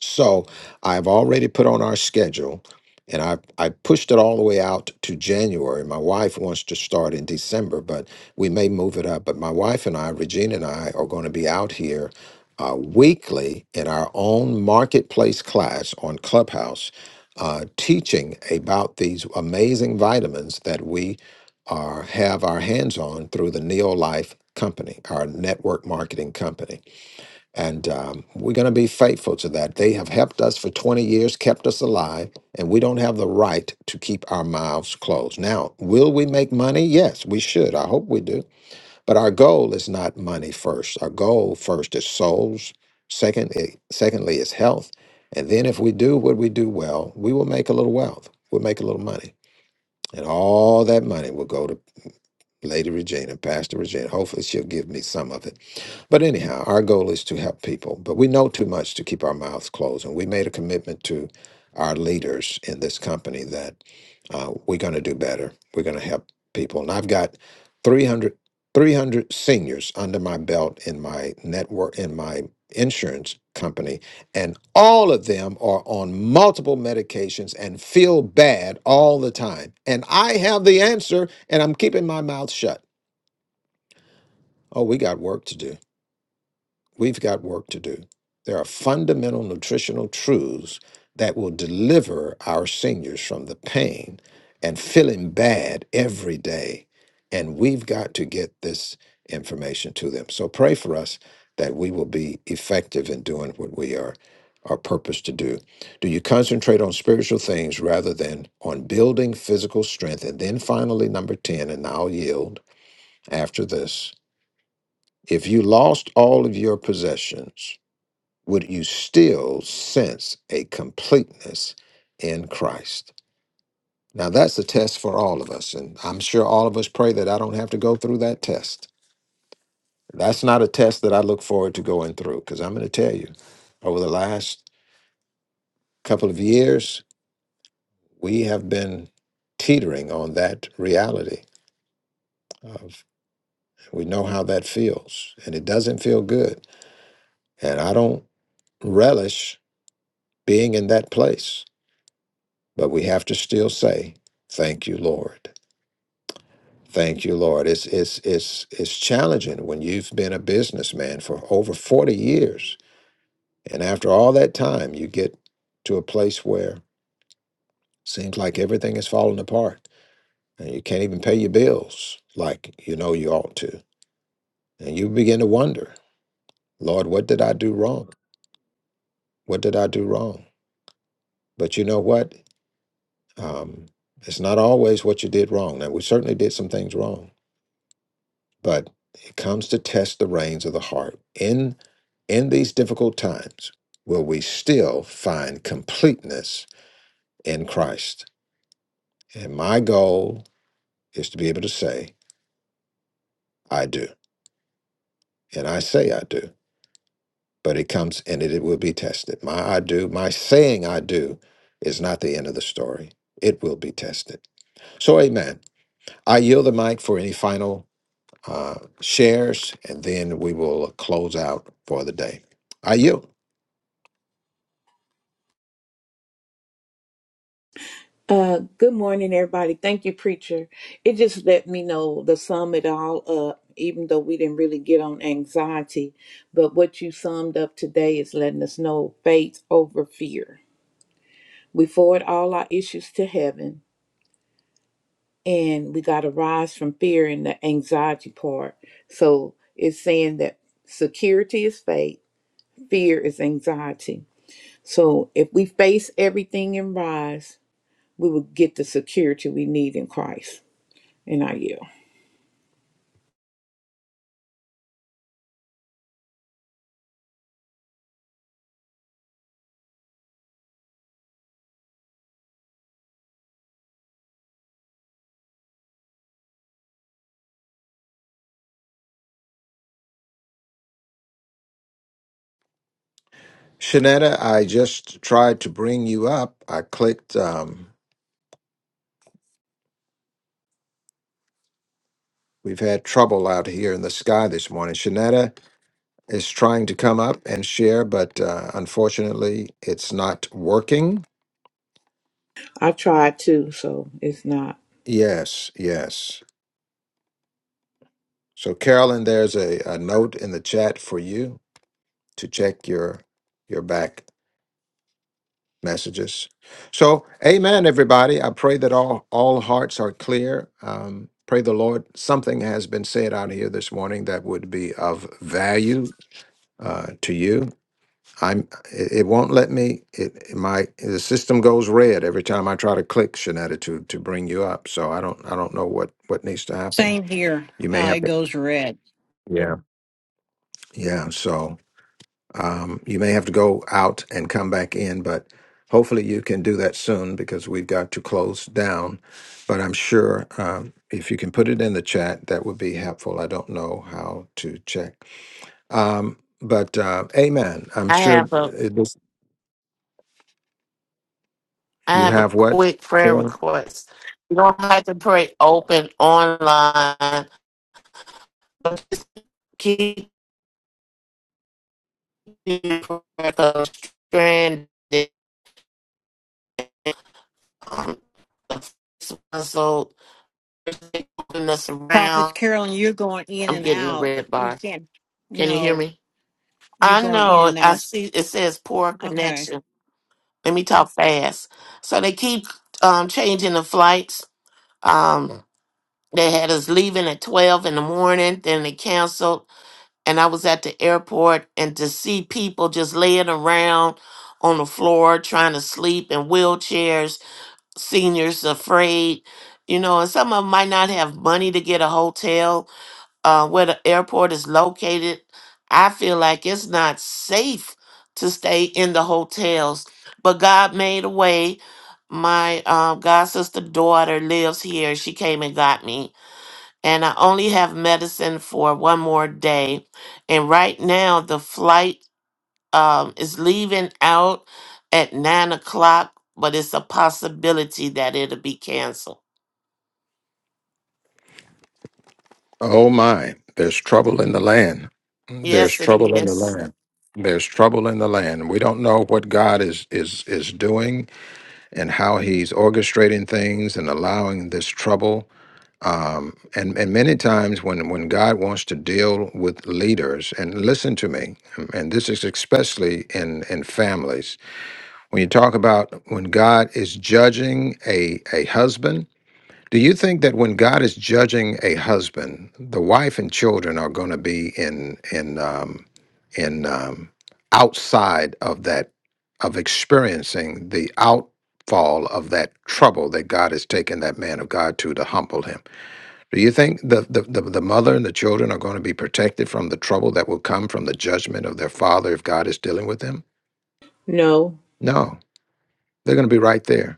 so I've already put on our schedule and I, I pushed it all the way out to January. My wife wants to start in December, but we may move it up. But my wife and I, Regina and I, are going to be out here uh, weekly in our own marketplace class on Clubhouse, uh, teaching about these amazing vitamins that we are have our hands on through the Neo Life company, our network marketing company. And um, we're going to be faithful to that. They have helped us for 20 years, kept us alive, and we don't have the right to keep our mouths closed. Now, will we make money? Yes, we should. I hope we do. But our goal is not money first. Our goal first is souls. Second, eh, secondly, is health. And then, if we do what we do well, we will make a little wealth. We'll make a little money. And all that money will go to Lady Regina, Pastor Regina. Hopefully, she'll give me some of it but anyhow, our goal is to help people. But we know too much to keep our mouths closed. And we made a commitment to our leaders in this company that uh, we're going to do better. We're going to help people. And I've got 300, 300 seniors under my belt in my network, in my insurance company. And all of them are on multiple medications and feel bad all the time. And I have the answer, and I'm keeping my mouth shut. Oh, we got work to do. We've got work to do. There are fundamental nutritional truths that will deliver our seniors from the pain and feeling bad every day. And we've got to get this information to them. So pray for us that we will be effective in doing what we are our purpose to do. Do you concentrate on spiritual things rather than on building physical strength? And then finally, number 10, and I'll yield after this. If you lost all of your possessions, would you still sense a completeness in Christ? Now, that's a test for all of us. And I'm sure all of us pray that I don't have to go through that test. That's not a test that I look forward to going through because I'm going to tell you, over the last couple of years, we have been teetering on that reality of we know how that feels and it doesn't feel good. And I don't relish being in that place, but we have to still say, Thank you, Lord. Thank you, Lord. It's it's it's it's challenging when you've been a businessman for over 40 years. And after all that time, you get to a place where seems like everything is falling apart and you can't even pay your bills like you know you ought to. And you begin to wonder, Lord, what did I do wrong? What did I do wrong? But you know what? Um, it's not always what you did wrong. Now, we certainly did some things wrong but it comes to test the reins of the heart in in these difficult times will we still find completeness in christ and my goal is to be able to say i do and i say i do but it comes and it, it will be tested my i do my saying i do is not the end of the story it will be tested so amen i yield the mic for any final uh, shares and then we will close out for the day i yield
Uh, good morning, everybody. Thank you, preacher. It just let me know the sum it all up, even though we didn't really get on anxiety. But what you summed up today is letting us know faith over fear. We forward all our issues to heaven and we got to rise from fear and the anxiety part. So it's saying that security is faith, fear is anxiety. So if we face everything and rise, we will get the security we need in Christ. And I yield.
Shanetta, I just tried to bring you up. I clicked. Um, we've had trouble out here in the sky this morning. Shanetta is trying to come up and share, but uh, unfortunately, it's not working.
I tried to, so it's not.
Yes, yes. So, Carolyn, there's a, a note in the chat for you to check your your back messages. So, amen, everybody. I pray that all, all hearts are clear. Um, pray the Lord something has been said out here this morning that would be of value uh, to you. I'm. It, it won't let me. It my the system goes red every time I try to click Shanetta to to bring you up. So I don't I don't know what what needs to happen.
Same here.
You may
Uh,
have
it
to.
goes red.
Yeah. Yeah. So Um, you may have to go out and come back in, but hopefully you can do that soon because we've got to close down. But I'm sure um, if you can put it in the chat, that would be helpful. I don't know how to check. Um, but uh, amen. I'm
I
sure
have a
it was,
I
you
have a
have what,
quick prayer
Carol?
request. You don't have to pray open online, but just keep your prayer code stranded on the first episode. They Moving us
Prophets
around.
Carolyn, you're going in
I'm
and
getting the
out.
red
We
bar.
can't.
Can you hear
No,
me?
you're
I
going
know.
in
it.
and
I
out.
see. It says poor
Okay.
connection. Let me talk fast. So they keep um, changing the flights. Um, They had us leaving at 12 in the morning, then they canceled. And I was at the airport, and to see people just laying around on the floor trying to sleep in wheelchairs, seniors afraid, you know, and some of them might not have money to get a hotel uh, where the airport is located. I feel like it's not safe to stay in the hotels, but God made a way. My uh, God sister daughter lives here. She came and got me and I only have medicine for one more day. And right now, the flight um, is leaving out at nine o'clock, but it's a possibility that it'll be canceled.
Oh my, there's trouble in the land. There's
Yes, it
trouble in the
is.
land. There's trouble in the land. We don't know what God is is is doing and how he's orchestrating things and allowing this trouble. Um, and and many times when when God wants to deal with leaders, and listen to me, um, and this is especially in in families. When you talk about when God is judging a a husband do you think that when God is judging a husband, the wife and children are going to be in in um, in um, outside of that of experiencing the outfall of that trouble that God has taken that man of God to to humble him? Do you think the the, the, the mother and the children are going to be protected from the trouble that will come from the judgment of their father if God is dealing with them?
No,
No, they're going to be right there.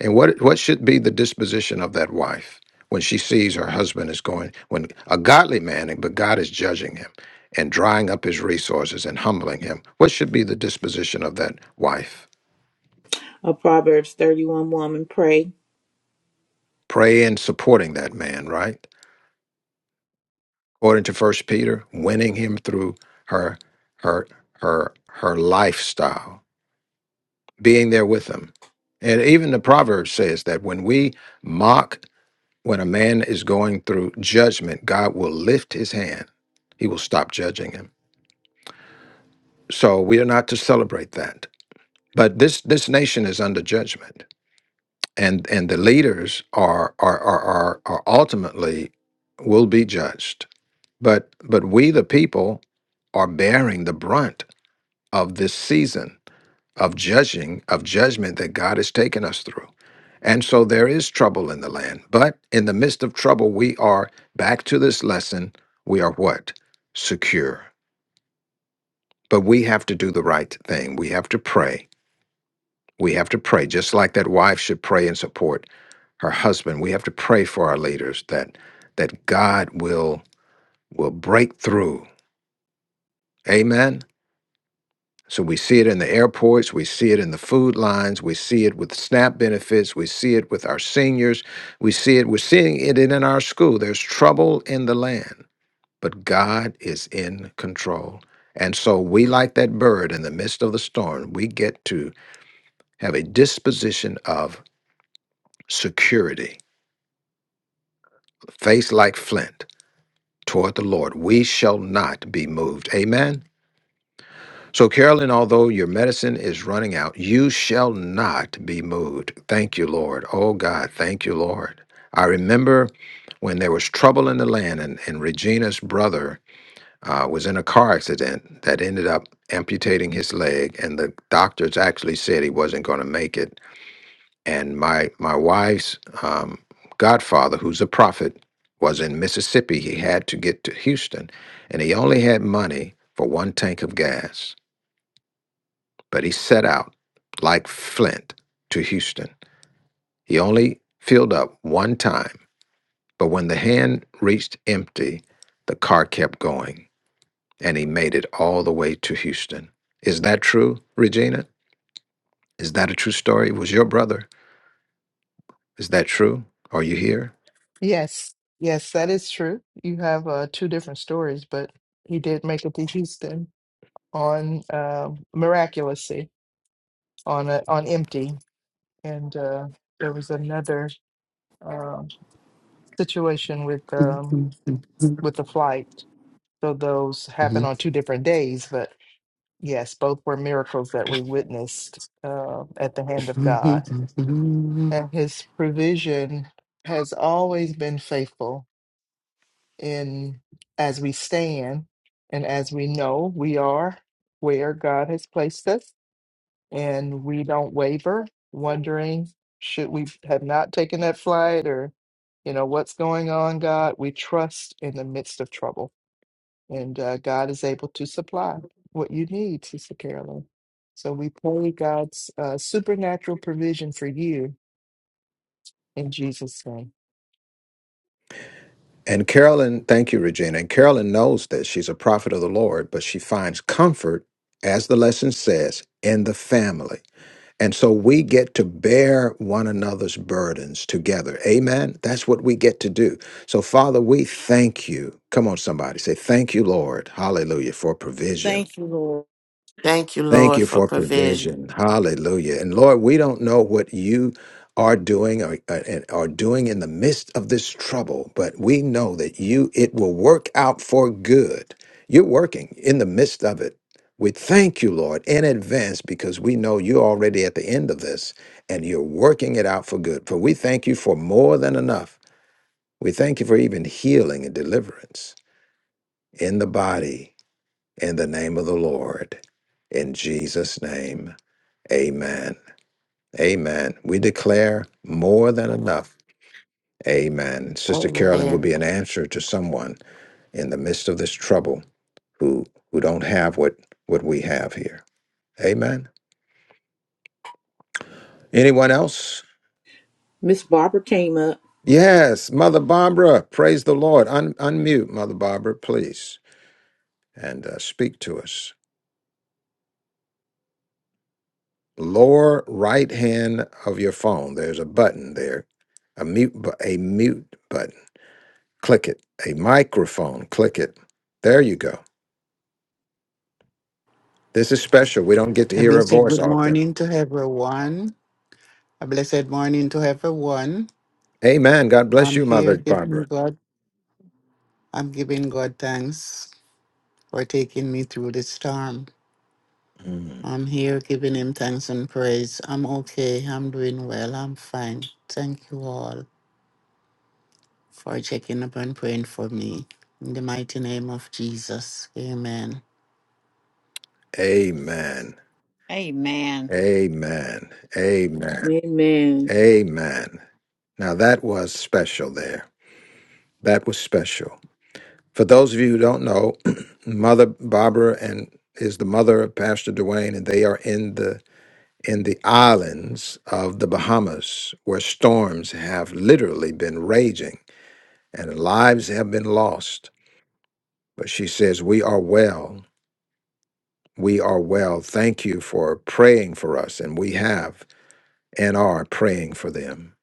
And what what should be the disposition of that wife when she sees her husband is going when a godly man but God is judging him and drying up his resources and humbling him? What should be the disposition of that wife?
a Proverbs 31 woman pray.
Pray and supporting that man, right? According to First Peter, winning him through her her her her lifestyle, being there with him. And even the proverb says that when we mock When a man is going through judgment, God will lift his hand. He will stop judging him. So we are not to celebrate that. But this this nation is under judgment. And and the leaders are are are are, are ultimately will be judged. But but we the people are bearing the brunt of this season. of judging of judgment that God has taken us through. And so there is trouble in the land. But in the midst of trouble, we are back to this lesson. We are what? Secure. But we have to do the right thing. We have to pray. We have to pray, just like that wife should pray and support her husband. We have to pray for our leaders that that God will will break through. Amen. So we see it in the airports, we see it in the food lines, we see it with SNAP benefits, we see it with our seniors, we see it, we're seeing it in in our school. There's trouble in the land, but God is in control. And so we, like that bird in the midst of the storm, we get to have a disposition of security, face like flint toward the Lord. We shall not be moved. Amen. So, Carolyn, although your medicine is running out, you shall not be moved. Thank you, Lord. Oh, God, thank you, Lord. I remember when there was trouble in the land and, and Regina's brother uh, was in a car accident that ended up amputating his leg, and the doctors actually said he wasn't going to make it. And my, my wife's um, godfather, who's a prophet, was in Mississippi. He had to get to Houston, and he only had money for one tank of gas but he set out like Flint to Houston. He only filled up one time, but when the hand reached empty, the car kept going and he made it all the way to Houston. Is that true, Regina? Is that a true story? It was your brother. Is that true? Are you here?
Yes, yes, that is true. You have uh, two different stories, but he did make it to Houston on uh, miraculously on a, on empty, and uh, there was another uh, situation with
A
um, with the flight. So those happened on two different days, but yes, both were miracles that we witnessed uh, at the hand of God, and His provision has always been faithful in as we stand and as we know we are where God has placed us, and we don't waver, wondering should we have not taken that flight or you know what's going on, God. We trust in the midst of trouble, and uh, God is able to supply what you need, Sister Carolyn. So we pray God's uh, supernatural provision for you in Jesus' name.
And Carolyn, thank you, Regina. And Carolyn knows that she's a prophet of the Lord, but she finds comfort, as the lesson says, in the family. And so we get to bear one another's burdens together. Amen. That's what we get to do. So, Father, we thank you. Come on, somebody, say, Thank you, Lord. Hallelujah for provision.
Thank you, Lord.
Thank you,
Thank
Lord,
you
for
for
provision.
provision. Hallelujah. And Lord, we don't know what you are doing or uh, and are doing in the midst of this trouble, but we know that you it will work out for good. You're working in the midst of it. We thank you, Lord, in advance because we know you're already at the end of this and you're working it out for good. For we thank you for more than enough. We thank you for even healing and deliverance in the body in the name of the Lord. In Jesus' name. Amen. Amen. We declare more than enough. Amen. Sister Carolyn will
Amen.
be an answer to someone in the midst of this trouble who who don't have what what we have here. Amen. Anyone else?
Miss Barbara came up.
Yes, Mother Barbara. Praise the Lord. Un- unmute, Mother Barbara, please, and uh, speak to us. Lower right hand of your phone. There's a button there, a mute, bu- a mute button. Click it. A microphone. Click it. There you go. This is special. We don't get to hear her
blessed
voice
good
often.
morning to everyone. A blessed morning to everyone.
Amen. God bless
I'm
you, Mother
here giving
Barbara.
God, I'm giving God thanks for taking me through the storm.
Mm.
I'm here giving him thanks and praise. I'm okay. I'm doing well. I'm fine. Thank you all for checking up and praying for me. In the mighty name of Jesus. Amen.
Amen.
Amen.
Amen. Amen.
Amen.
Amen. Now that was special there. That was special. For those of you who don't know, Mother Barbara and is the mother of Pastor Dwayne, and they are in the in the islands of the Bahamas where storms have literally been raging and lives have been lost. But she says, We are well. We are well. Thank you for praying for us, and we have and are praying for them.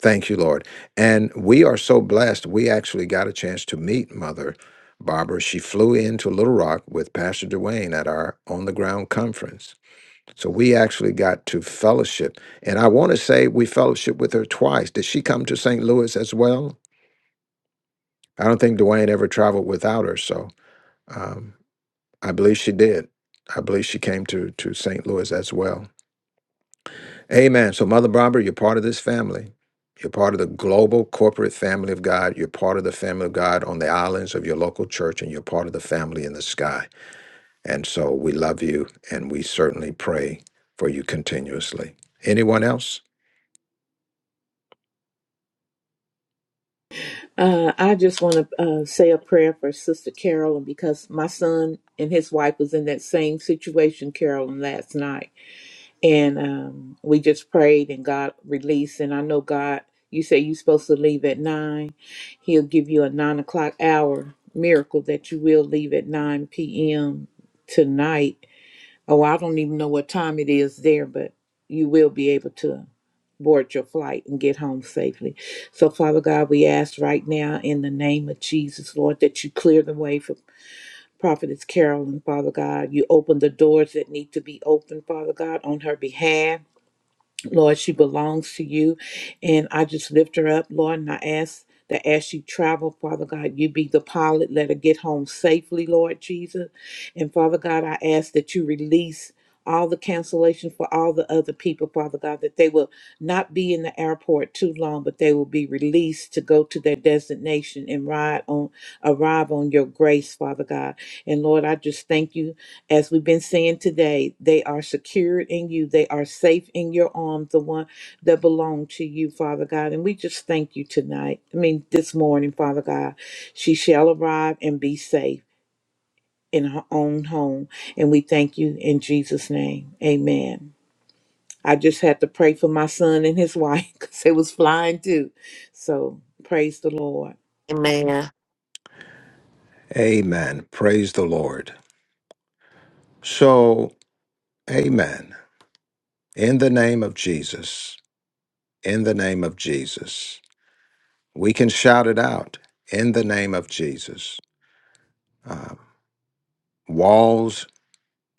Thank you, Lord. And we are so blessed. We actually got a chance to meet Mother Barbara. She flew into Little Rock with Pastor Dwayne at our on the ground conference. So we actually got to fellowship. And I want to say we fellowship with her twice. Did she come to St. Louis as well? I don't think Dwayne ever traveled without her. So um, I believe she did. I believe she came to, to St. Louis as well. Amen. So, Mother Barbara, you're part of this family. You're part of the global corporate family of God. You're part of the family of God on the islands of your local church, and you're part of the family in the sky. And so we love you, and we certainly pray for you continuously. Anyone else?
Uh, I just want to uh, say a prayer for Sister Carolyn because my son and his wife was in that same situation, Carolyn, last night, and um, we just prayed and God released. And I know God, you say you're supposed to leave at nine. He'll give you a nine o'clock hour miracle that you will leave at nine p.m. tonight Oh, I don't even know what time it is there, but you will be able to board your flight and get home safely. So, Father God, we ask right now in the name of Jesus, Lord, that you clear the way for Prophetess Carolyn, Father God. You open the doors that need to be opened, Father God, on her behalf. Lord, she belongs to you. And I just lift her up, Lord, and I ask that as she travel, Father God, you be the pilot. Let her get home safely, Lord Jesus. And Father God, I ask that you release all the cancellation for all the other people, Father God, that they will not be in the airport too long, but they will be released to go to their destination and ride on arrive on your grace, Father God. And Lord, I just thank you as we've been saying today, they are secured in you. They are safe in your arms, the one that belong to you, Father God. And we just thank you tonight. I mean, this morning, Father God, she shall arrive and be safe in her own home. And we thank you in Jesus' name. Amen. I just had to pray for my son and his wife because they was flying too. So praise the Lord.
Amen.
Amen. Praise the Lord. So, amen. In the name of Jesus, in the name of Jesus, we can shout it out in the name of Jesus. Uh, walls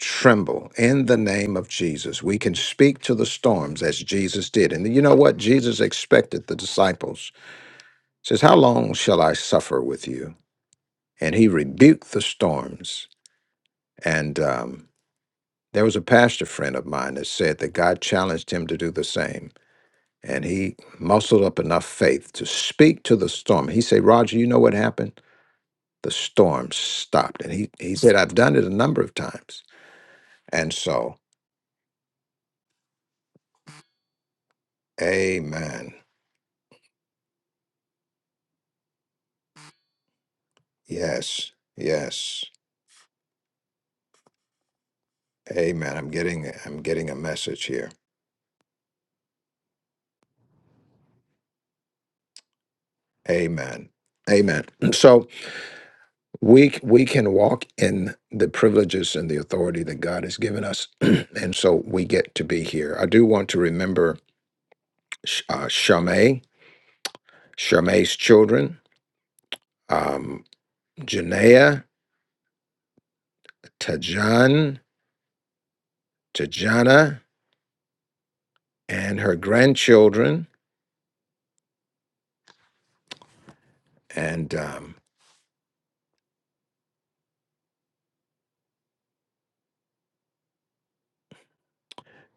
tremble in the name of Jesus. We can speak to the storms as Jesus did. And you know what? Jesus expected the disciples. says, How long shall I suffer with you? And he rebuked the storms. And um, there was a pastor friend of mine that said that God challenged him to do the same. And he muscled up enough faith to speak to the storm. He said, Roger, you know what happened? The storm stopped. And he, he said, I've done it a number of times. And so, amen. Yes. Yes. Amen. I'm getting I'm getting a message here. Amen. Amen. So we we can walk in the privileges and the authority that God has given us, and so we get to be here. I do want to remember Sh- uh, Shamay, Shamay's children, um, Janea, Tajan, Tajana, and her grandchildren, and um,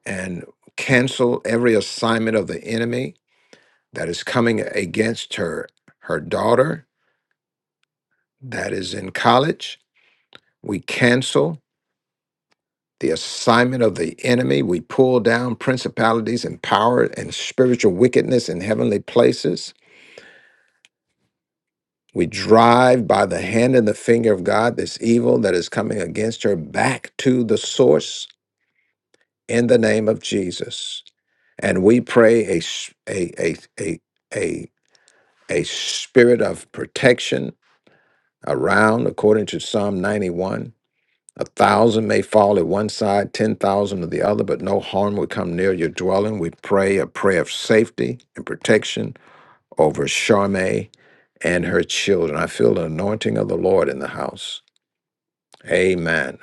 and cancel every assignment of the enemy that is coming against her her daughter that is in college we cancel the assignment of the enemy we pull down principalities and power and spiritual wickedness in heavenly places we drive by the hand and the finger of god this evil that is coming against her back to the source in the name of jesus and we pray a s- a a a a, a spirit of protection around according to psalm 91 A thousand may fall at one side, ten thousand at the other, but no harm will come near your dwelling. We pray a prayer of safety and protection over Charme and her children. I feel the anointing of the Lord in the house. Amen.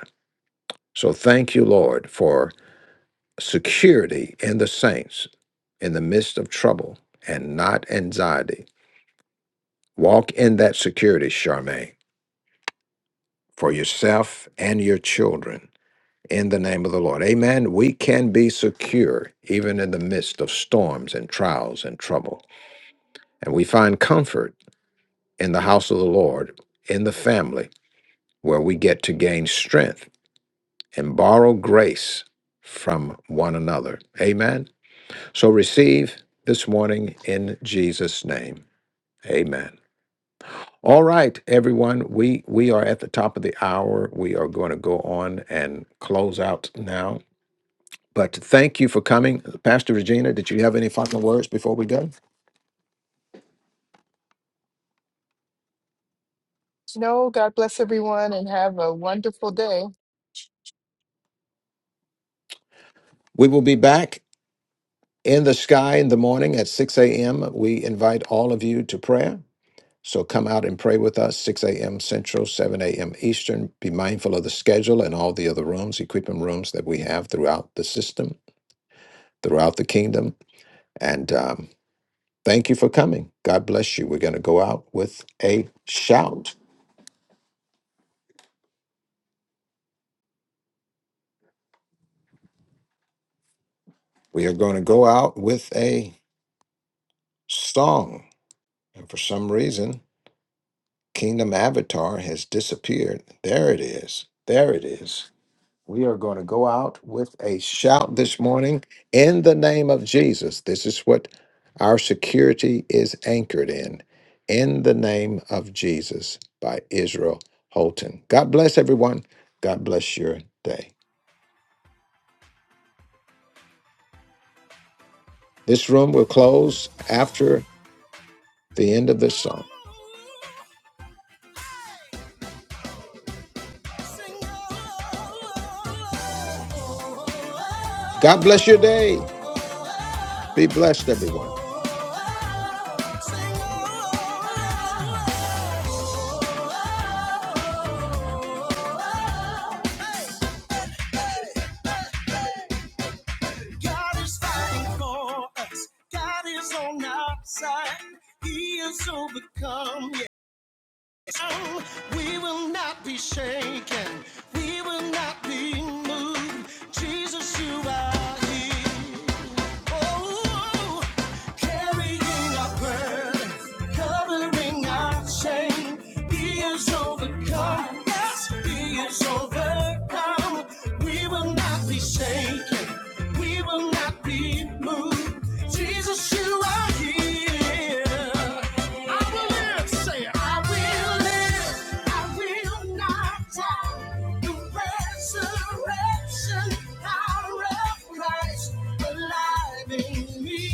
So thank you, Lord, for security in the saints in the midst of trouble and not anxiety. Walk in that security, Charme, for yourself and your children. in the name of the Lord. Amen. We can be secure even in the midst of storms and trials and trouble. And we find comfort in the house of the Lord, in the family, where we get to gain strength and borrow grace from one another. Amen. So receive this morning in Jesus' name. Amen. All right, everyone, we, we are at the top of the hour. We are going to go on and close out now. But thank you for coming. Pastor Regina, did you have any final words before we go?
No, God bless everyone and have a wonderful day.
We will be back in the sky in the morning at 6 a.m. We invite all of you to prayer. So come out and pray with us, 6 a.m. Central, 7 a.m. Eastern. Be mindful of the schedule and all the other rooms, equipment rooms that we have throughout the system, throughout the kingdom. And um, thank you for coming. God bless you. We're going to go out with a shout. We are going to go out with a song. And for some reason, Kingdom Avatar has disappeared. There it is. There it is. We are going to go out with a shout this morning in the name of Jesus. This is what our security is anchored in. In the name of Jesus by Israel Holton. God bless everyone. God bless your day. This room will close after the end of this song.
Sing,
God bless your day. Be blessed, everyone.
oh, God is fighting for us. God is on our side. He is overcome. Yes. So We will not be shaken. We will not be moved. Jesus, you are here. Oh, carrying our burdens, covering our shame. He is overcome. Yes, He is overcome. We will not be shaken. We will not be moved. Jesus, you are here. I will live, say it. I will live. Christ alive in me,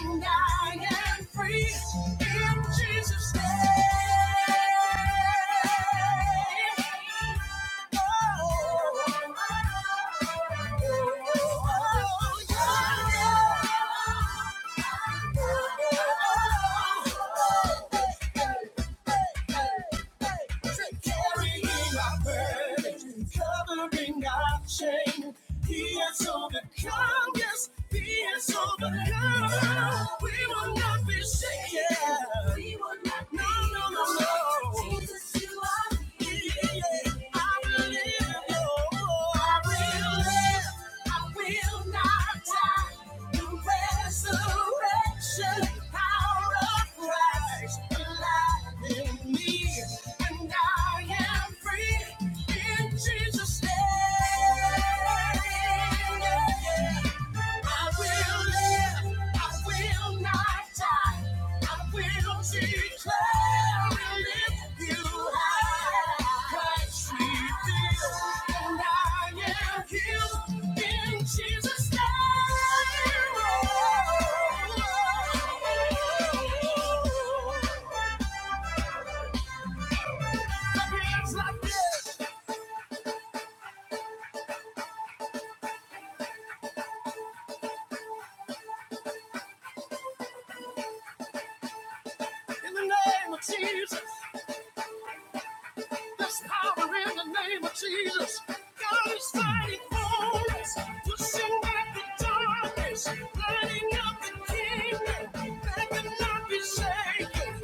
and I am free in Jesus' name. Oh, oh, oh, yeah. Oh, oh, oh, oh, hey, hey, hey, hey, hey. Carrying my burden. Jesus' name. I will live, I will not die. I will declare and lift you high. Christ revealed, and I am healed in Jesus' name. Oh, oh, oh, oh. My Hands like this in the name of Jesus. There's power in the name of Jesus. God is fighting for us, pushing back the darkness, lighting up the kingdom that cannot be shaken.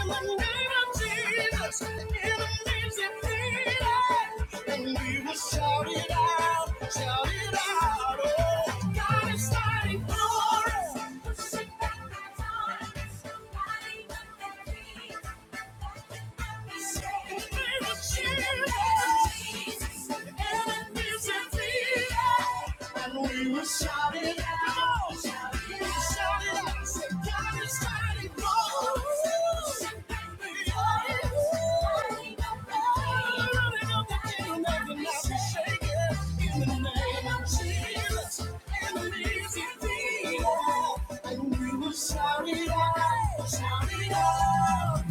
In the name of Jesus, the enemy's defeated, and we will shout it out, shout it out. Oh, God is fighting for us. Pushing back the darkness, lighting up the kingdom. And we were shouting out, we were shouting out, said God is fighting for us. Running up the hill, making us shake it. In the name of Jesus, enemies defeated. And we were shouting out, shouting out.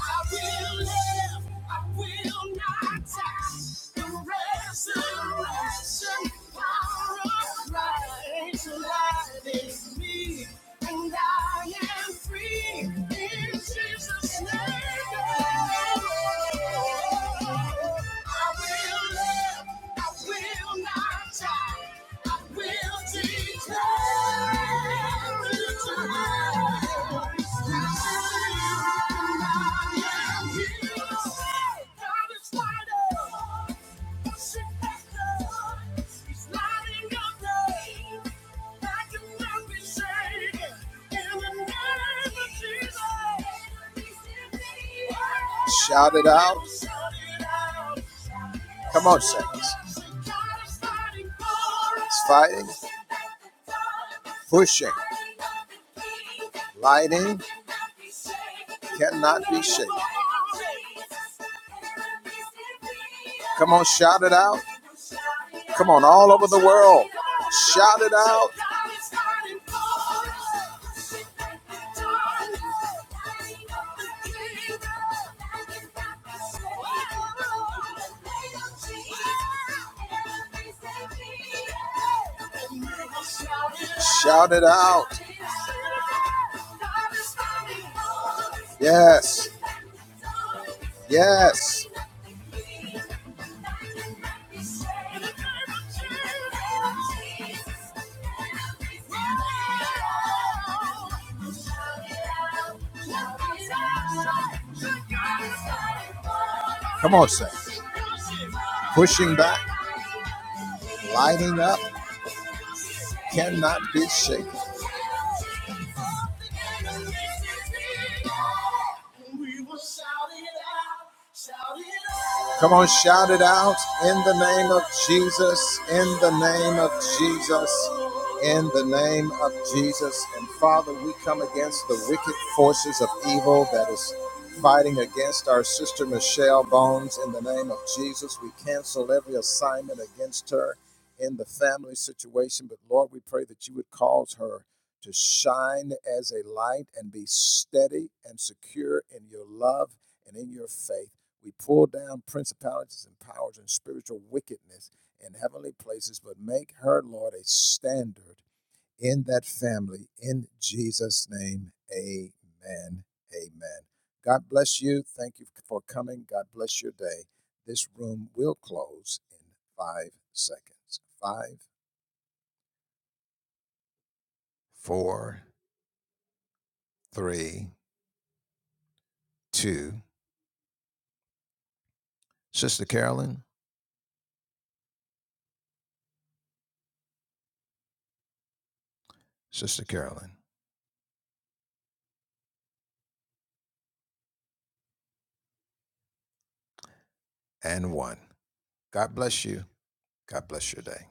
I will live, I will not die. The resurrection power of Christ lies in me. And I am free in Jesus' name. I will live, I will not die. I will declare it to God. And I am healed. God is mighty. Shout it out. Come on, saints. It's fighting, pushing, lighting cannot be shaken. Come on, shout it out. Come on, all over the world. Shout it out. Shout it out. Yes. Yes. Come on, Saints. Pushing back, lighting up, cannot be shaken. We will Come on, shout it out in the name of Jesus, in the name of Jesus, in the name of Jesus. And Father, we come against the wicked forces of evil that is fighting against our sister Michelle Bones. In the name of Jesus, we cancel every assignment against her in the family situation. But Lord, we pray that you would cause her to shine as a light and be steady and secure in your love and in your faith, we pull down principalities and powers and spiritual wickedness in heavenly places, but make her, Lord, a standard in that family. In Jesus' name, amen. Amen. God bless you. Thank you for coming. God bless your day. This room will close in five seconds. Five, four, three, two. Sister Carolyn, Sister Carolyn, and one. God bless you. God bless your day.